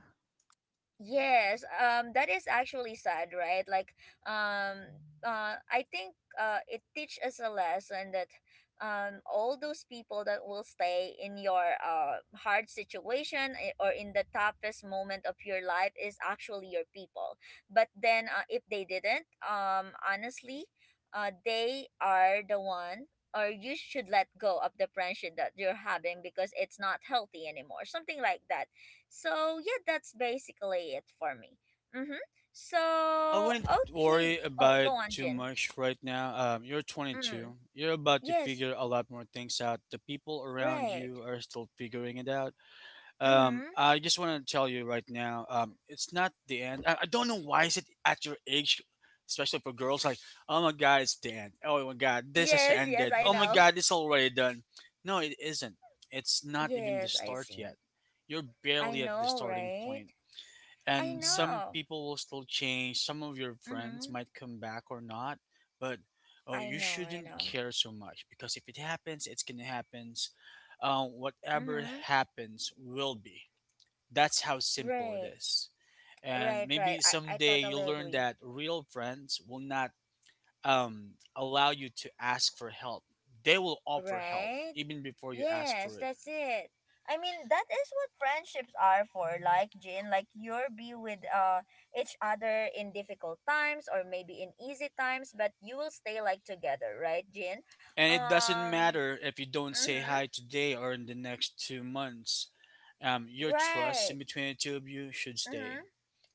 Speaker 1: Yes, that is actually sad, right? Like, um, I think, it teach us a lesson that, all those people that will stay in your, hard situation or in the toughest moment of your life is actually your people. But then, if they didn't, honestly, they are the one. Or you should let go of the friendship that you're having, because it's not healthy anymore. Something like that. So yeah, that's basically it for me. Mm-hmm.
Speaker 2: I
Speaker 1: So,
Speaker 2: wouldn't
Speaker 1: okay.
Speaker 2: worry
Speaker 1: Oh,
Speaker 2: about
Speaker 1: go
Speaker 2: it
Speaker 1: on,
Speaker 2: too
Speaker 1: Jin.
Speaker 2: much right now. You're
Speaker 1: Mm.
Speaker 2: 22. You're about to
Speaker 1: Yes.
Speaker 2: figure a lot more things out. The people around you
Speaker 1: Right.
Speaker 2: are still figuring it out.
Speaker 1: Mm-hmm.
Speaker 2: I just want to tell you right now, it's not the end. I don't know why is it at your age, especially for girls, like, oh my God, it's the end. Oh my God, this has
Speaker 1: Yes. Yes.
Speaker 2: ended.
Speaker 1: I
Speaker 2: Oh my
Speaker 1: know.
Speaker 2: God, it's already done. No, it isn't. It's not even the
Speaker 1: Yes. I
Speaker 2: start
Speaker 1: see.
Speaker 2: yet. You're
Speaker 1: I
Speaker 2: barely at the
Speaker 1: know.
Speaker 2: starting
Speaker 1: Right.
Speaker 2: point.
Speaker 1: I
Speaker 2: And some
Speaker 1: know.
Speaker 2: people will still change. Some of your friends
Speaker 1: Mm-hmm.
Speaker 2: might come back or not. But oh,
Speaker 1: I
Speaker 2: you
Speaker 1: know. I
Speaker 2: shouldn't
Speaker 1: know.
Speaker 2: care so much because if it happens, it's gonna happen, whatever
Speaker 1: Mm-hmm.
Speaker 2: happens will be. That's how simple it
Speaker 1: Right.
Speaker 2: is. And
Speaker 1: Right. Right.
Speaker 2: maybe
Speaker 1: I
Speaker 2: someday
Speaker 1: totally
Speaker 2: you'll learn
Speaker 1: agree.
Speaker 2: that real friends will not allow you to ask for help. They will offer help
Speaker 1: Right?
Speaker 2: even before you ask
Speaker 1: Yes,
Speaker 2: for it.
Speaker 1: that's it. I mean, that is what friendships are for, like Jin, like you'll be with, each other, in difficult times or maybe in easy times, but you will stay like together, right, Jin?
Speaker 2: And it doesn't
Speaker 1: Um,
Speaker 2: matter if you don't say
Speaker 1: mm-hmm.
Speaker 2: hi today or in the next 2 months. Your trust
Speaker 1: Right.
Speaker 2: in between the two of you should stay.
Speaker 1: Mm-hmm.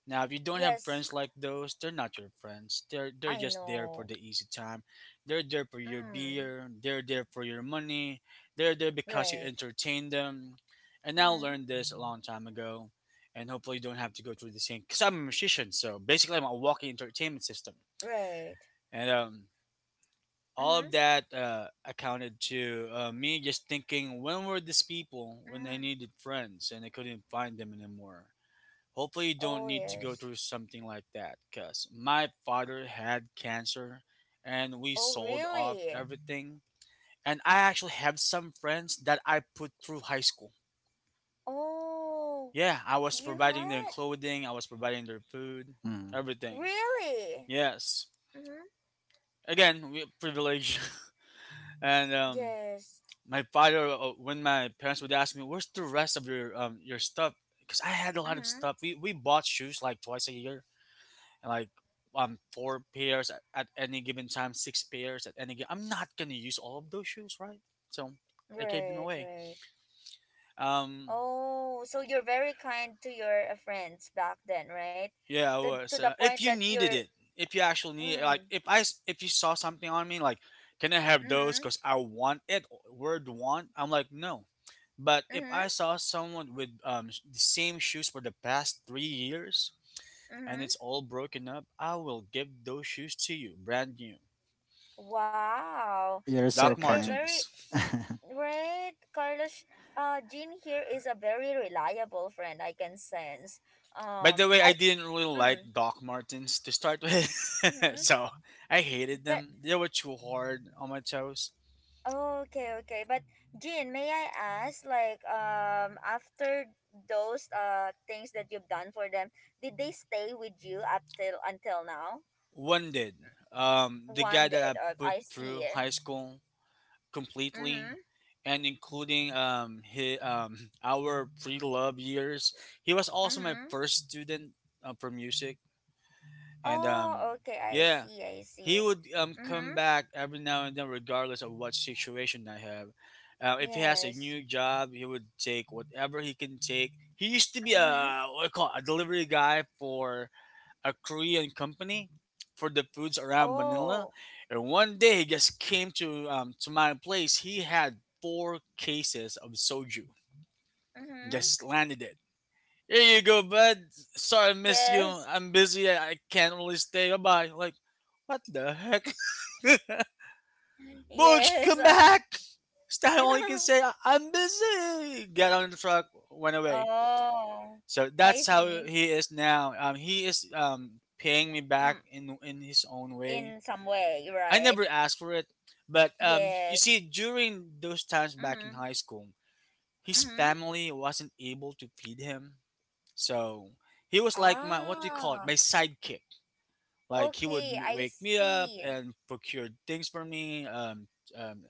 Speaker 2: Now, if you don't have friends
Speaker 1: Yes,
Speaker 2: like those, they're not your friends. They're
Speaker 1: I
Speaker 2: just there for the
Speaker 1: know.
Speaker 2: easy time. They're there for your
Speaker 1: Mm.
Speaker 2: beer. They're there for your money. They're there because you
Speaker 1: Right.
Speaker 2: entertain them. And I learned
Speaker 1: Mm-hmm.
Speaker 2: this a long time ago, and hopefully you don't have to go through the same. Because I'm a musician, so basically I'm a walking entertainment system,
Speaker 1: Right.
Speaker 2: and all of
Speaker 1: Mm-hmm.
Speaker 2: that accounted to me just thinking when were these people when they
Speaker 1: Mm.
Speaker 2: needed friends and they couldn't find them anymore. Hopefully, you
Speaker 1: Oh,
Speaker 2: don't need to go
Speaker 1: yes.
Speaker 2: through something like that because my father had cancer and we
Speaker 1: Oh,
Speaker 2: sold off
Speaker 1: really?
Speaker 2: everything. And I actually have some friends that I put through high school.
Speaker 1: Oh,
Speaker 2: Yeah, I was
Speaker 1: you
Speaker 2: providing their
Speaker 1: had.
Speaker 2: clothing, I was providing their food,
Speaker 3: Mm.
Speaker 2: everything.
Speaker 1: Really?
Speaker 2: Yes.
Speaker 1: Mm-hmm.
Speaker 2: Again, we privilege. And
Speaker 1: Yes.
Speaker 2: my father, when my parents would ask me, "Where's the rest of your stuff?" Because I had a lot of
Speaker 1: Mm-hmm.
Speaker 2: stuff. We bought shoes like twice a year and like four pairs at any given time, six pairs at any given. I'm not gonna use all of those shoes, right? So I gave them
Speaker 1: Right,
Speaker 2: away.
Speaker 1: right.
Speaker 2: Um,
Speaker 1: Oh, so you're very kind to your, friends back then, right?
Speaker 2: yeah, I
Speaker 1: To
Speaker 2: was.
Speaker 1: the point
Speaker 2: If you
Speaker 1: that you're.
Speaker 2: needed it, if you actually need, it, like,
Speaker 1: Mm.
Speaker 2: if I s- if you saw something on me, like, can I have those?
Speaker 1: Mm-hmm.
Speaker 2: Cause I want it. Word want. I'm like, no. But if I
Speaker 1: Mm-hmm.
Speaker 2: saw someone with the same shoes for the past 3 years and it's
Speaker 1: Mm-hmm.
Speaker 2: all broken up, I will give those shoes to you, brand new.
Speaker 1: Wow.
Speaker 3: You're
Speaker 2: Doc
Speaker 1: You're
Speaker 3: so
Speaker 1: you're
Speaker 3: kind.
Speaker 1: very
Speaker 2: Martens.
Speaker 1: right, Carlos. Jean here is a very reliable friend, I can sense.
Speaker 2: By the way, I
Speaker 1: I
Speaker 2: didn't really
Speaker 1: Mm,
Speaker 2: like Doc Martens to start with,
Speaker 1: mm-hmm.
Speaker 2: so I hated
Speaker 1: But
Speaker 2: them. They were too hard on my toes.
Speaker 1: okay, okay. But Jean, may I ask, like, after those things that you've done for them, did they stay with you up till until now?
Speaker 2: One did. The guy
Speaker 1: One
Speaker 2: that
Speaker 1: did.
Speaker 2: I put
Speaker 1: I
Speaker 2: through
Speaker 1: see.
Speaker 2: high school
Speaker 1: Mm-hmm.
Speaker 2: completely, and including his, our pre-love years, he was also my
Speaker 1: Mm-hmm.
Speaker 2: first student for music, and
Speaker 1: Oh, okay. I
Speaker 2: yeah,
Speaker 1: see. I
Speaker 2: he
Speaker 1: see.
Speaker 2: would
Speaker 1: Mm-hmm.
Speaker 2: come back every now and then, regardless of what situation I have. If he has a
Speaker 1: Yes.
Speaker 2: new job, he would take whatever he can take. He used to be
Speaker 1: Mm-hmm.
Speaker 2: a what do you call it, a delivery guy for a Korean company for the foods around
Speaker 1: Oh.
Speaker 2: Manila, and one day he just came to my place. He had four cases of soju.
Speaker 1: Mm-hmm.
Speaker 2: Just landed it. Here you go, bud. Sorry I missed you.
Speaker 1: Yes.
Speaker 2: I'm busy. I can't really stay. Bye bye. Like, what the heck? Butch,
Speaker 1: Yes.
Speaker 2: come back! Stan only can say, I'm busy! Get on the truck, went away.
Speaker 1: Oh,
Speaker 2: So
Speaker 1: I
Speaker 2: that's how
Speaker 1: see.
Speaker 2: he is now. He is paying me back
Speaker 1: Mm.
Speaker 2: in his own way.
Speaker 1: In some way,
Speaker 2: I
Speaker 1: right?
Speaker 2: never asked for it. But you see,
Speaker 1: Yes.
Speaker 2: during those times back in
Speaker 1: Mm-hmm.
Speaker 2: high school, his
Speaker 1: Mm-hmm.
Speaker 2: family wasn't able to feed him. So he was like my, what do you call it, my
Speaker 1: Ah,
Speaker 2: sidekick. Like he would
Speaker 1: okay, I
Speaker 2: wake me up
Speaker 1: see.
Speaker 2: and procure things for me, um,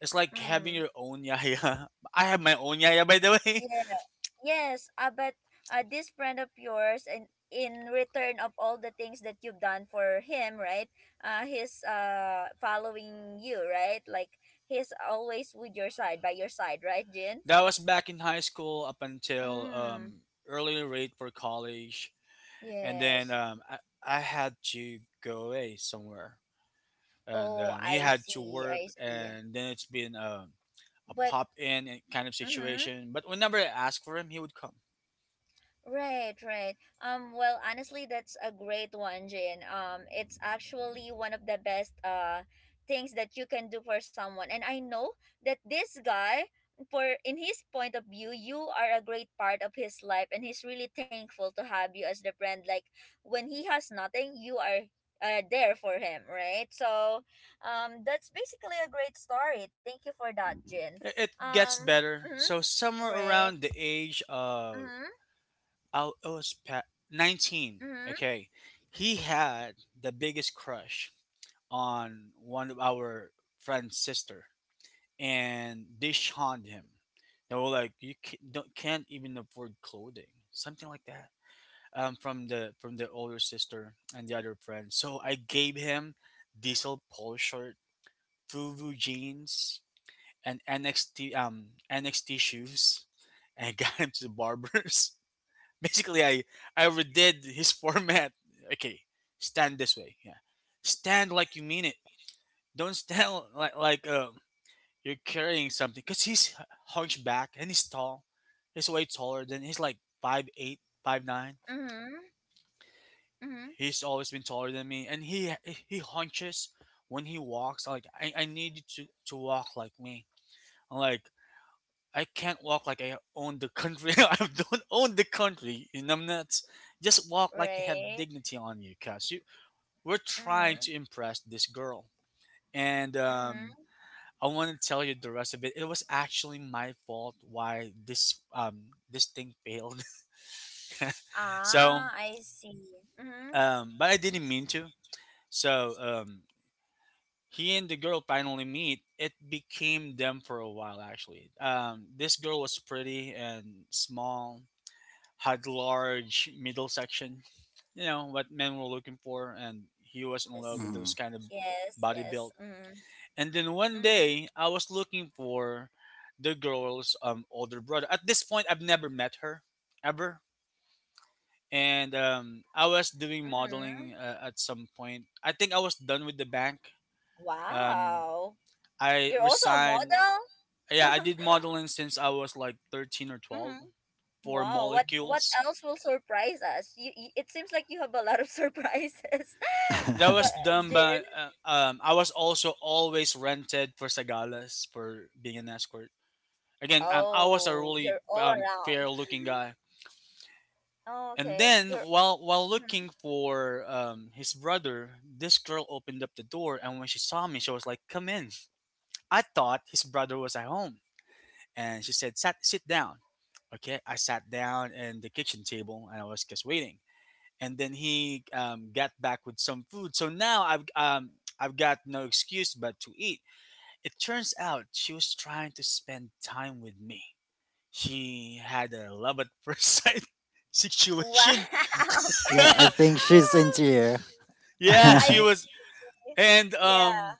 Speaker 2: it's like having
Speaker 1: Mm.
Speaker 2: your own yaya. I have my own yaya, by the way.
Speaker 1: Yeah. Yes, but this friend of yours, and in return of all the things that you've done for him, right? He's following you, right? Like, he's always with your side, by your side, right, Jin?
Speaker 2: That was back in high school up until
Speaker 1: Mm.
Speaker 2: early rate for college, and then
Speaker 1: Yes.
Speaker 2: I had to go away somewhere, and
Speaker 1: Oh,
Speaker 2: he
Speaker 1: I
Speaker 2: had to
Speaker 1: see.
Speaker 2: work,
Speaker 1: I see.
Speaker 2: and then it's been a
Speaker 1: But.
Speaker 2: pop in kind of
Speaker 1: Mm-hmm.
Speaker 2: situation. But whenever I asked for him, he would come.
Speaker 1: Right, right. Well, honestly, that's a great one, Jane. It's actually one of the best things that you can do for someone. And I know that this guy, for in his point of view, you are a great part of his life, and he's really thankful to have you as the friend. Like when he has nothing, you are there for him, right? So, that's basically a great story. Thank you for that, Jane.
Speaker 2: It gets
Speaker 1: Um,
Speaker 2: better.
Speaker 1: mm-hmm,
Speaker 2: So somewhere
Speaker 1: right.
Speaker 2: around the age of
Speaker 1: Mm-hmm,
Speaker 2: I was 19.
Speaker 1: mm-hmm,
Speaker 2: Okay, he had the biggest crush on one of our friend's sister, and they shunned him. They were like, "You don't, can't even afford clothing," something like that. From the older sister and the other friend. So I gave him diesel polo shirt, FUBU jeans, and NXT NXT shoes, and I got him to the barbers. Basically, I redid his format. Okay, stand this way. Yeah, stand like you mean it. Don't stand like you're carrying something because he's hunchback and he's tall. He's way taller than he's like five eight, five nine.
Speaker 1: mm-hmm, mm-hmm.
Speaker 2: He's always been taller than me, and he hunches when he walks. Like, I need you to walk like me. I'm like, I can't walk like I own the country. I don't own the country. You know, just walk like you have
Speaker 1: Right.
Speaker 2: dignity on you, cause you we're trying
Speaker 1: Mm-hmm.
Speaker 2: to impress this girl, and
Speaker 1: Mm-hmm.
Speaker 2: I want to tell you the rest of it. It was actually my fault why this thing failed. so
Speaker 1: Ah, I see. Mm-hmm.
Speaker 2: but I didn't mean to. So he and the girl finally meet. It became them for a while actually. This girl was pretty and small, had large middle section. You know what men were looking for, and he was in love with
Speaker 1: Yes.
Speaker 2: those
Speaker 3: Mm.
Speaker 2: kind of
Speaker 1: Yes,
Speaker 2: body
Speaker 1: yes.
Speaker 2: built.
Speaker 1: Mm-hmm.
Speaker 2: And then one
Speaker 1: Mm-hmm.
Speaker 2: day, I was looking for the girl's older brother. At this point, I've never met her ever. And I was doing modeling
Speaker 1: Mm-hmm.
Speaker 2: at some point. I think I was done with the bank. Um,
Speaker 1: Wow.
Speaker 2: I
Speaker 1: You're also a
Speaker 2: resigned.
Speaker 1: model?
Speaker 2: Yeah, I did modeling since I was like 13 or 12
Speaker 1: Mm-hmm.
Speaker 2: for
Speaker 1: Wow. What
Speaker 2: molecules.
Speaker 1: else will surprise us? You, it seems like you have a lot of surprises.
Speaker 2: That was
Speaker 1: Ka-
Speaker 2: done by.
Speaker 1: Jin.
Speaker 2: I was also always rented for Sagalas for being an escort. Again, I was a
Speaker 1: Oh, you're
Speaker 2: really
Speaker 1: all around.
Speaker 2: fair looking guy.
Speaker 1: Oh,
Speaker 2: And
Speaker 1: okay.
Speaker 2: then,
Speaker 1: You're
Speaker 2: while
Speaker 1: mhm.
Speaker 2: looking for his brother, this girl opened up the door, and when she saw me, she was like, "Come in." I thought his brother was at home, and she said, "Sat, sit down." Okay, I sat down in the kitchen table, and I was just waiting. And then he got back with some food, so now I've got no excuse but to eat. It turns out she was trying to spend time with me. She had a love at first sight
Speaker 1: Wow.
Speaker 2: situation.
Speaker 3: Yeah, I think she's
Speaker 1: Wow.
Speaker 3: into you.
Speaker 2: Yeah, she
Speaker 1: I see.
Speaker 2: was, and um,
Speaker 1: Yeah.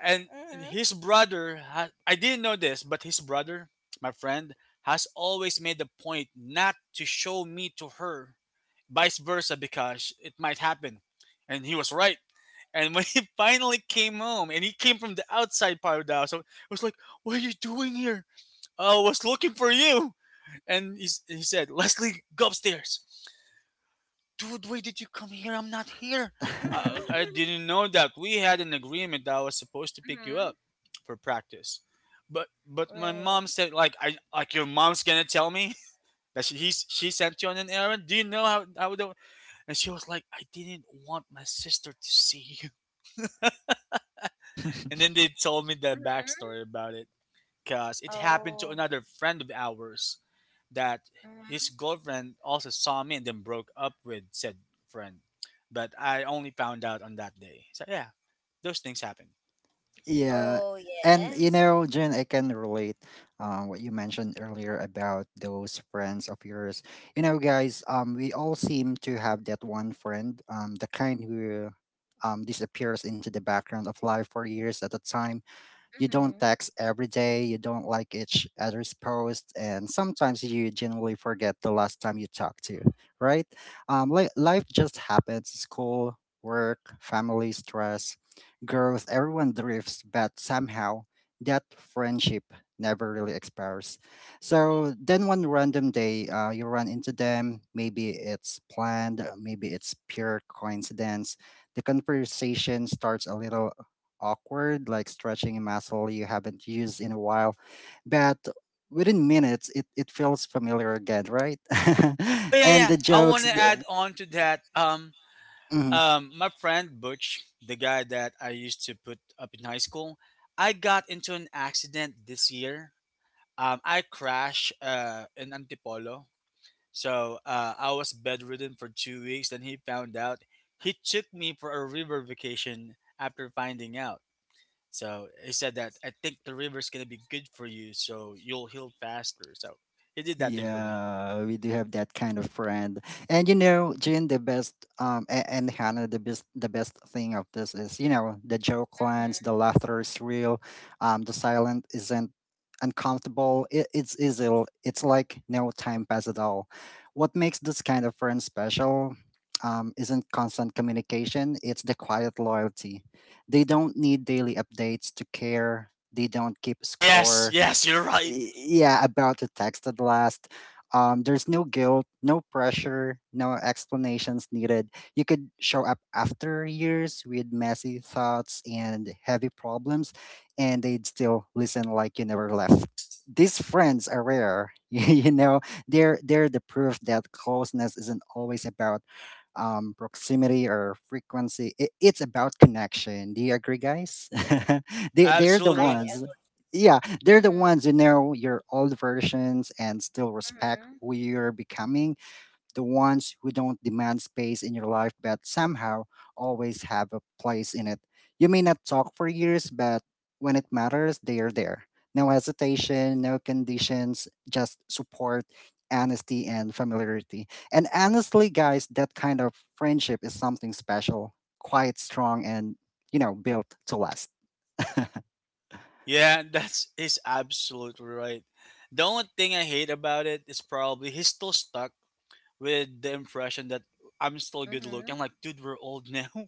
Speaker 2: and
Speaker 1: Mhm.
Speaker 2: his brother. I didn't know this, but his brother, my friend, has always made the point not to show me to her, vice versa, because it might happen, and he was right. And when he finally came home, and he came from the outside part of the house, so I was like, "What are you doing here? I was looking for you." And he said, "Leslie, go upstairs." Dude, why did you come here? I'm not here.
Speaker 1: Mhm.
Speaker 2: I
Speaker 1: Mhm.
Speaker 2: didn't know that we had an agreement that I was supposed to pick you up for practice. But my
Speaker 1: Right.
Speaker 2: mom said, like, I like your mom's gonna tell me that she he's, she sent you on an errand. Do you know how the. And she was like, I didn't want my sister to see you. And then they told me that
Speaker 1: Mhm.
Speaker 2: backstory about it because it happened to
Speaker 1: Oh.
Speaker 2: another friend of ours that his
Speaker 1: Mhm.
Speaker 2: girlfriend also saw me and then broke up with said friend. But I only found out on that day. So yeah, those things happen.
Speaker 3: Yeah,
Speaker 1: Oh
Speaker 3: and you
Speaker 1: yes.
Speaker 3: know, Jen, I can relate, what you mentioned earlier about those friends of yours. You know, guys, we all seem to have that one friend, the kind who disappears into the background of life for years at a time. You don't
Speaker 1: Mhm.
Speaker 3: text every day, you don't like each other's post, and sometimes you genuinely forget the last time you talked to, right? Life just happens: school, work, family, stress, growth. Everyone drifts, but somehow that friendship never really expires. So then one random day, you run into them. Maybe it's planned, maybe it's pure coincidence. The conversation starts a little awkward, like stretching a muscle you haven't used in a while. But within minutes, it feels familiar again, right?
Speaker 2: Oh yeah,
Speaker 3: And
Speaker 2: yeah.
Speaker 3: the
Speaker 2: I
Speaker 3: jokes.
Speaker 2: want to add on to that.
Speaker 3: Mm-hmm.
Speaker 2: My friend Butch, the guy that I used to put up in high school, I got into an accident this year. I crashed in Antipolo. So I was bedridden for 2 weeks. Then he found out. He took me for a river vacation after finding out. So he said that I think the river's gonna be good for you, so you'll heal faster. So he did that thing for me.
Speaker 3: Yeah, we do have that kind of friend. And you know, Jin, the best, and Hannah, the best thing of this is, you know, the joke lines,
Speaker 1: Mhm.
Speaker 3: the laughter is real, the silent isn't uncomfortable. It's easy. It's like no time pass at all. What makes this kind of friend special? Isn't constant communication, it's the quiet loyalty. They don't need daily updates to care. They don't keep
Speaker 2: Yes,
Speaker 3: score.
Speaker 2: yes, you're right.
Speaker 3: Yeah, about the text at last. There's no guilt, no pressure, no explanations needed. You could show up after years with messy thoughts and heavy problems, and they'd still listen like you never left. These friends are rare. You know, they're the proof that closeness isn't always about proximity or frequency, it, it's about connection. Do you agree, guys? They're the
Speaker 1: I
Speaker 2: Absolutely.
Speaker 3: ones,
Speaker 1: agree.
Speaker 3: yeah, they're the
Speaker 1: Mhm.
Speaker 3: ones who know your old versions and still respect
Speaker 1: Mhm.
Speaker 3: who you're becoming, the ones who don't demand space in your life but somehow always have a place in it. You may not talk for years, but when it matters, they're there. No hesitation, no conditions, just support, honesty, and familiarity. And honestly, guys, that kind of friendship is something special, quite strong, and you know, built to last.
Speaker 2: Yeah, that's he's absolutely right. The only thing I hate about it is probably he's still stuck with the impression that I'm still good looking. I'm
Speaker 1: Mhm.
Speaker 2: like, dude, we're old now.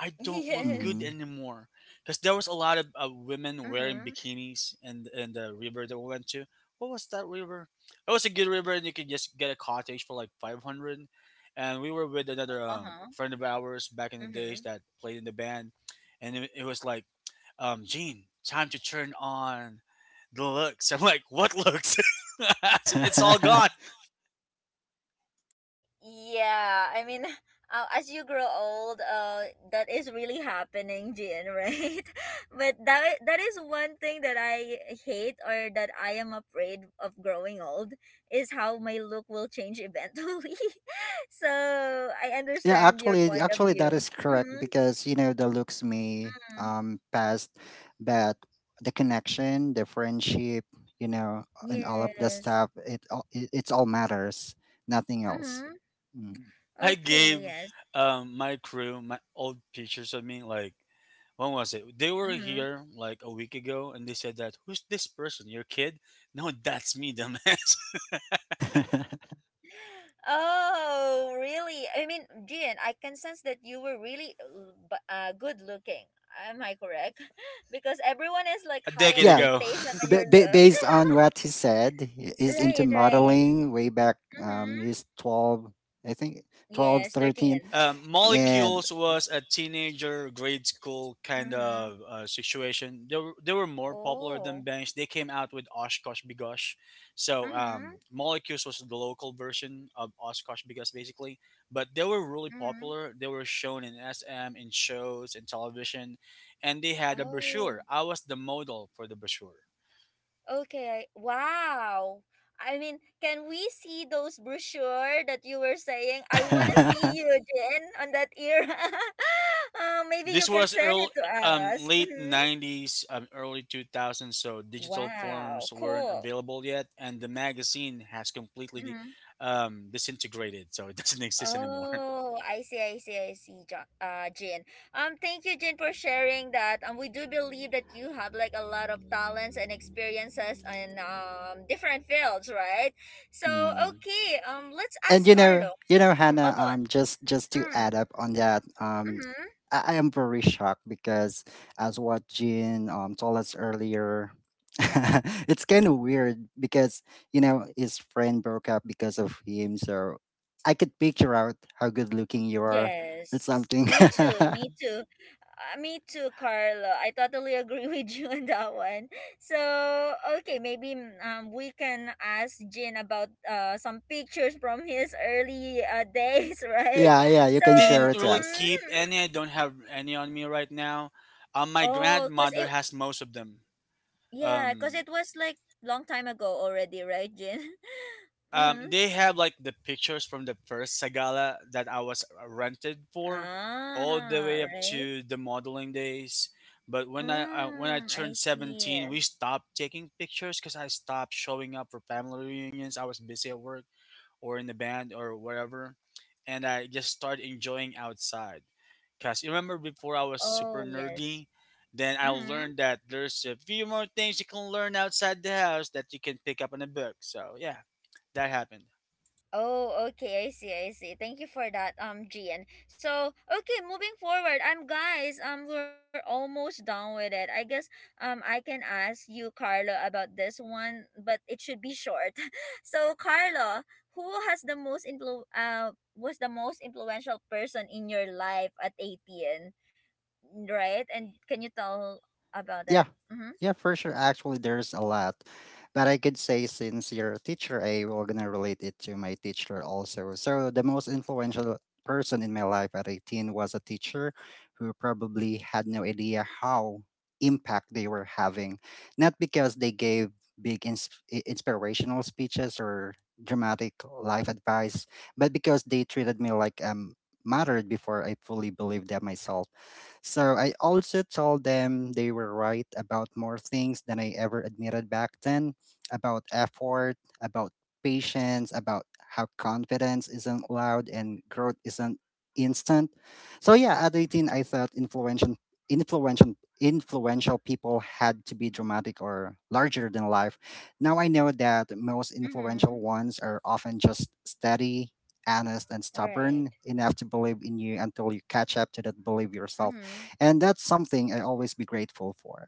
Speaker 2: I don't look good
Speaker 3: Hmm.
Speaker 1: Yes.
Speaker 2: anymore. Because there was a lot of women wearing
Speaker 1: Mhm.
Speaker 2: bikinis in the river that we went to. What was that river? It was a good river, and you could just get a cottage for like 500. And we were with another
Speaker 1: Uh huh.
Speaker 2: friend of ours back in the days
Speaker 1: Mhm.
Speaker 2: that played in the band. And it was like, Gene, time to turn on the looks. I'm like, what looks? It's all gone.
Speaker 1: Yeah, I mean, as you grow old, that is really happening, Jin, right? but that is one thing that I hate or that I am afraid of growing old is how my look will change eventually. So I
Speaker 3: Yeah,
Speaker 1: understand your
Speaker 3: actually,
Speaker 1: point of
Speaker 3: actually, that
Speaker 1: view.
Speaker 3: is correct
Speaker 1: Mm-hmm,
Speaker 3: because you know the looks may
Speaker 1: mm-hmm.
Speaker 3: past, but the connection, the friendship, you know, and all of the
Speaker 1: Yes.
Speaker 3: stuff, it's all matters, nothing else.
Speaker 1: Mm-hmm.
Speaker 3: Mm.
Speaker 2: I
Speaker 1: Okay.
Speaker 2: gave
Speaker 1: Yes.
Speaker 2: my crew my old pictures of me, like, when was it? They were
Speaker 1: Mm-hmm.
Speaker 2: here like a week ago, and they said that, who's this person? Your kid? No, that's me, dumbass.
Speaker 1: Oh, really? I mean, Jean, I can sense that you were really l- b- good looking. Am I correct? Because everyone has like
Speaker 2: A
Speaker 1: high
Speaker 2: decade
Speaker 3: Yeah,
Speaker 2: ago.
Speaker 1: expectation on your looks.
Speaker 3: based on what he said, he's into
Speaker 1: Right, right.
Speaker 3: modeling way back. He's
Speaker 1: Mm-hmm.
Speaker 3: 12, I think, 12,
Speaker 1: Yes,
Speaker 3: 13,
Speaker 1: 13. Mm.
Speaker 3: and.
Speaker 2: Molecules was a teenager grade school kind
Speaker 1: Mm-hmm.
Speaker 2: of situation. They were more popular than
Speaker 1: Oh.
Speaker 2: bangs. They came out with Oshkosh Bigosh. So
Speaker 1: Mm-hmm.
Speaker 2: molecules was the local version of Oshkosh Bigosh basically, but they were really
Speaker 1: Mm-hmm.
Speaker 2: popular. They were shown in SM in shows in television, and they had a
Speaker 1: Oh.
Speaker 2: brochure. I was the model for the brochure.
Speaker 1: Okay. Wow. I mean, can we see those brochure that you were saying? I want to see you, Jen, on that era. Maybe you
Speaker 2: This
Speaker 1: can
Speaker 2: was
Speaker 1: send
Speaker 2: early,
Speaker 1: it to us.
Speaker 2: late
Speaker 1: Hmm.
Speaker 2: 90s, early 2000s, so digital
Speaker 1: Wow.
Speaker 2: forms weren't
Speaker 1: Cool.
Speaker 2: available yet, and the magazine has completely
Speaker 1: Hmm.
Speaker 2: disintegrated, so it doesn't exist anymore.
Speaker 1: Oh, I see, I see, I see, Jo- Jin. Thank you, Jin, for sharing that. We do believe that you have like a lot of talents and experiences in different fields, right? So,
Speaker 3: Mm.
Speaker 1: okay. Let's
Speaker 3: And
Speaker 1: ask Carlo. I'll
Speaker 3: Hannah,
Speaker 1: go
Speaker 3: just to
Speaker 1: mm,
Speaker 3: add up on that.
Speaker 1: mm-hmm.
Speaker 3: I am very shocked because as what Jean told us earlier. It's kind of weird because his friend broke up because of him, so I could picture out how good looking you are, or
Speaker 1: Yes.
Speaker 3: something.
Speaker 1: Me too. Me too. Me too, Carlo. I totally agree with you on that one. So, okay, maybe we can ask Jin about some pictures from his early days, right?
Speaker 3: Yeah, yeah, you
Speaker 1: So,
Speaker 2: I
Speaker 3: can share
Speaker 2: didn't
Speaker 3: it to
Speaker 2: really
Speaker 3: us.
Speaker 2: keep any,
Speaker 1: mm-hmm.
Speaker 2: I don't have any on me right now. My
Speaker 1: Oh, cause
Speaker 2: grandmother
Speaker 1: it
Speaker 2: has most of them.
Speaker 1: yeah, cause
Speaker 2: Um,
Speaker 1: it was like long time ago already, right, Jin? mm-hmm.
Speaker 2: They have like the pictures from the first Sagala that I was rented for, all the
Speaker 1: Ah,
Speaker 2: way up
Speaker 1: right.
Speaker 2: to the modeling days. But when I
Speaker 1: Mm, I
Speaker 2: turned 17,
Speaker 1: see.
Speaker 2: we stopped taking pictures because I stopped showing up for family reunions. I was busy at work or in the band or whatever, and I just started enjoying outside. Cause you remember before I was super
Speaker 1: Oh, yes.
Speaker 2: nerdy. Then I
Speaker 1: Mm-hmm.
Speaker 2: learned that there's a few more things you can learn outside the house that you can pick up in a book. So yeah, that happened.
Speaker 1: Oh, okay, I see, I see. Thank you for that, Gian. So, okay, moving forward, guys, we're almost done with it. I guess, I can ask you, Carlo, about this one, but it should be short. So, Carlo, who has the most was the most influential person in your life at 18, right? And can you tell about that?
Speaker 3: Yeah,
Speaker 1: Mm-hmm.
Speaker 3: yeah, for sure. Actually, there's a lot. But I could say since you're a teacher, A, we're gonna relate it to my teacher also. So the most influential person in my life at 18 was a teacher who probably had no idea how impact they were having. Not because they gave big inspirational speeches or dramatic life advice, but because they treated me like mattered before I fully believed that myself. So I also told them they were right about more things than I ever admitted back then, about effort, about patience, about how confidence isn't loud and growth isn't instant. So yeah, at 18 I thought influential influential people had to be dramatic or larger than life. Now I know that most
Speaker 1: Mm-hmm.
Speaker 3: influential ones are often just steady, honest, and
Speaker 1: Right.
Speaker 3: stubborn enough to believe in you until you catch up to that belief yourself,
Speaker 1: Mm-hmm.
Speaker 3: and that's something I always be grateful for.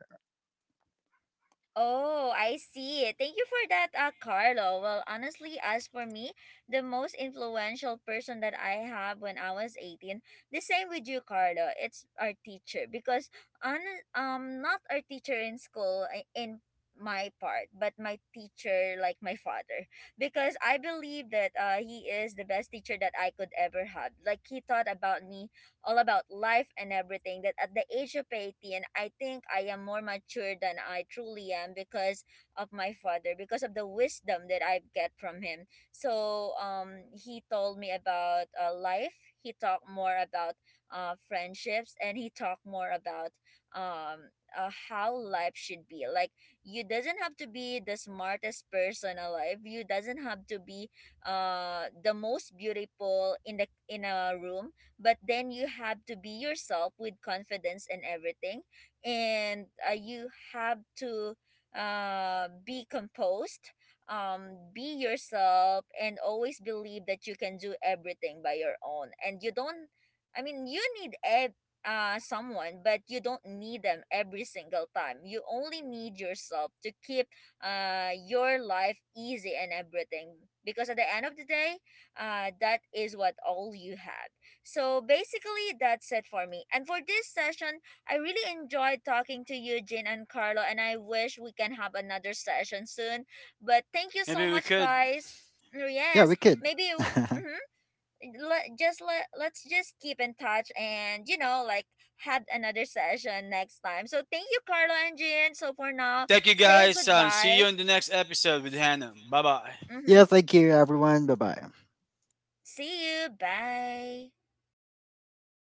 Speaker 1: Oh, I see. Thank you for that, Carlo. Well, honestly, as for me, the most influential person that I have when I was 18, the same with you, Carlo. It's our teacher because on not our teacher in school in my part, but my teacher like my father because I believe that he is the best teacher that I could ever have. Like he taught about me all about life and everything that at the age of 18 I think I am more mature than I truly am because of my father, because of the wisdom that I get from him. So he told me about life. He talked more about friendships, and he talked more about how life should be like. You doesn't have to be the smartest person alive, you doesn't have to be the most beautiful in the in a room, but then you have to be yourself with confidence and everything. And you have to be composed, be yourself, and always believe that you can do everything by your own. And you don't, I mean, you need someone, but you don't need them every single time. You only need yourself to keep your life easy and everything, because at the end of the day that is what all you have. So basically, that's it for me. And for this session, I really enjoyed talking to you, Jin and Carlo, and I wish we can have another session soon. But thank you so
Speaker 2: Maybe we
Speaker 1: much,
Speaker 2: could.
Speaker 1: guys. Mm,
Speaker 3: Yeah, we
Speaker 1: yes,
Speaker 3: could.
Speaker 1: maybe w- mhm, let, just let, let's just keep in touch and, you know, like had another session next time. So thank you, Carlo and Jin. So for now,
Speaker 2: Thank you
Speaker 1: say
Speaker 2: guys. See you
Speaker 1: goodbye.
Speaker 2: in the next episode with Hannah. Bye bye.
Speaker 1: Mm-hmm.
Speaker 3: Yeah, thank you, everyone. Bye bye.
Speaker 1: See you. Bye.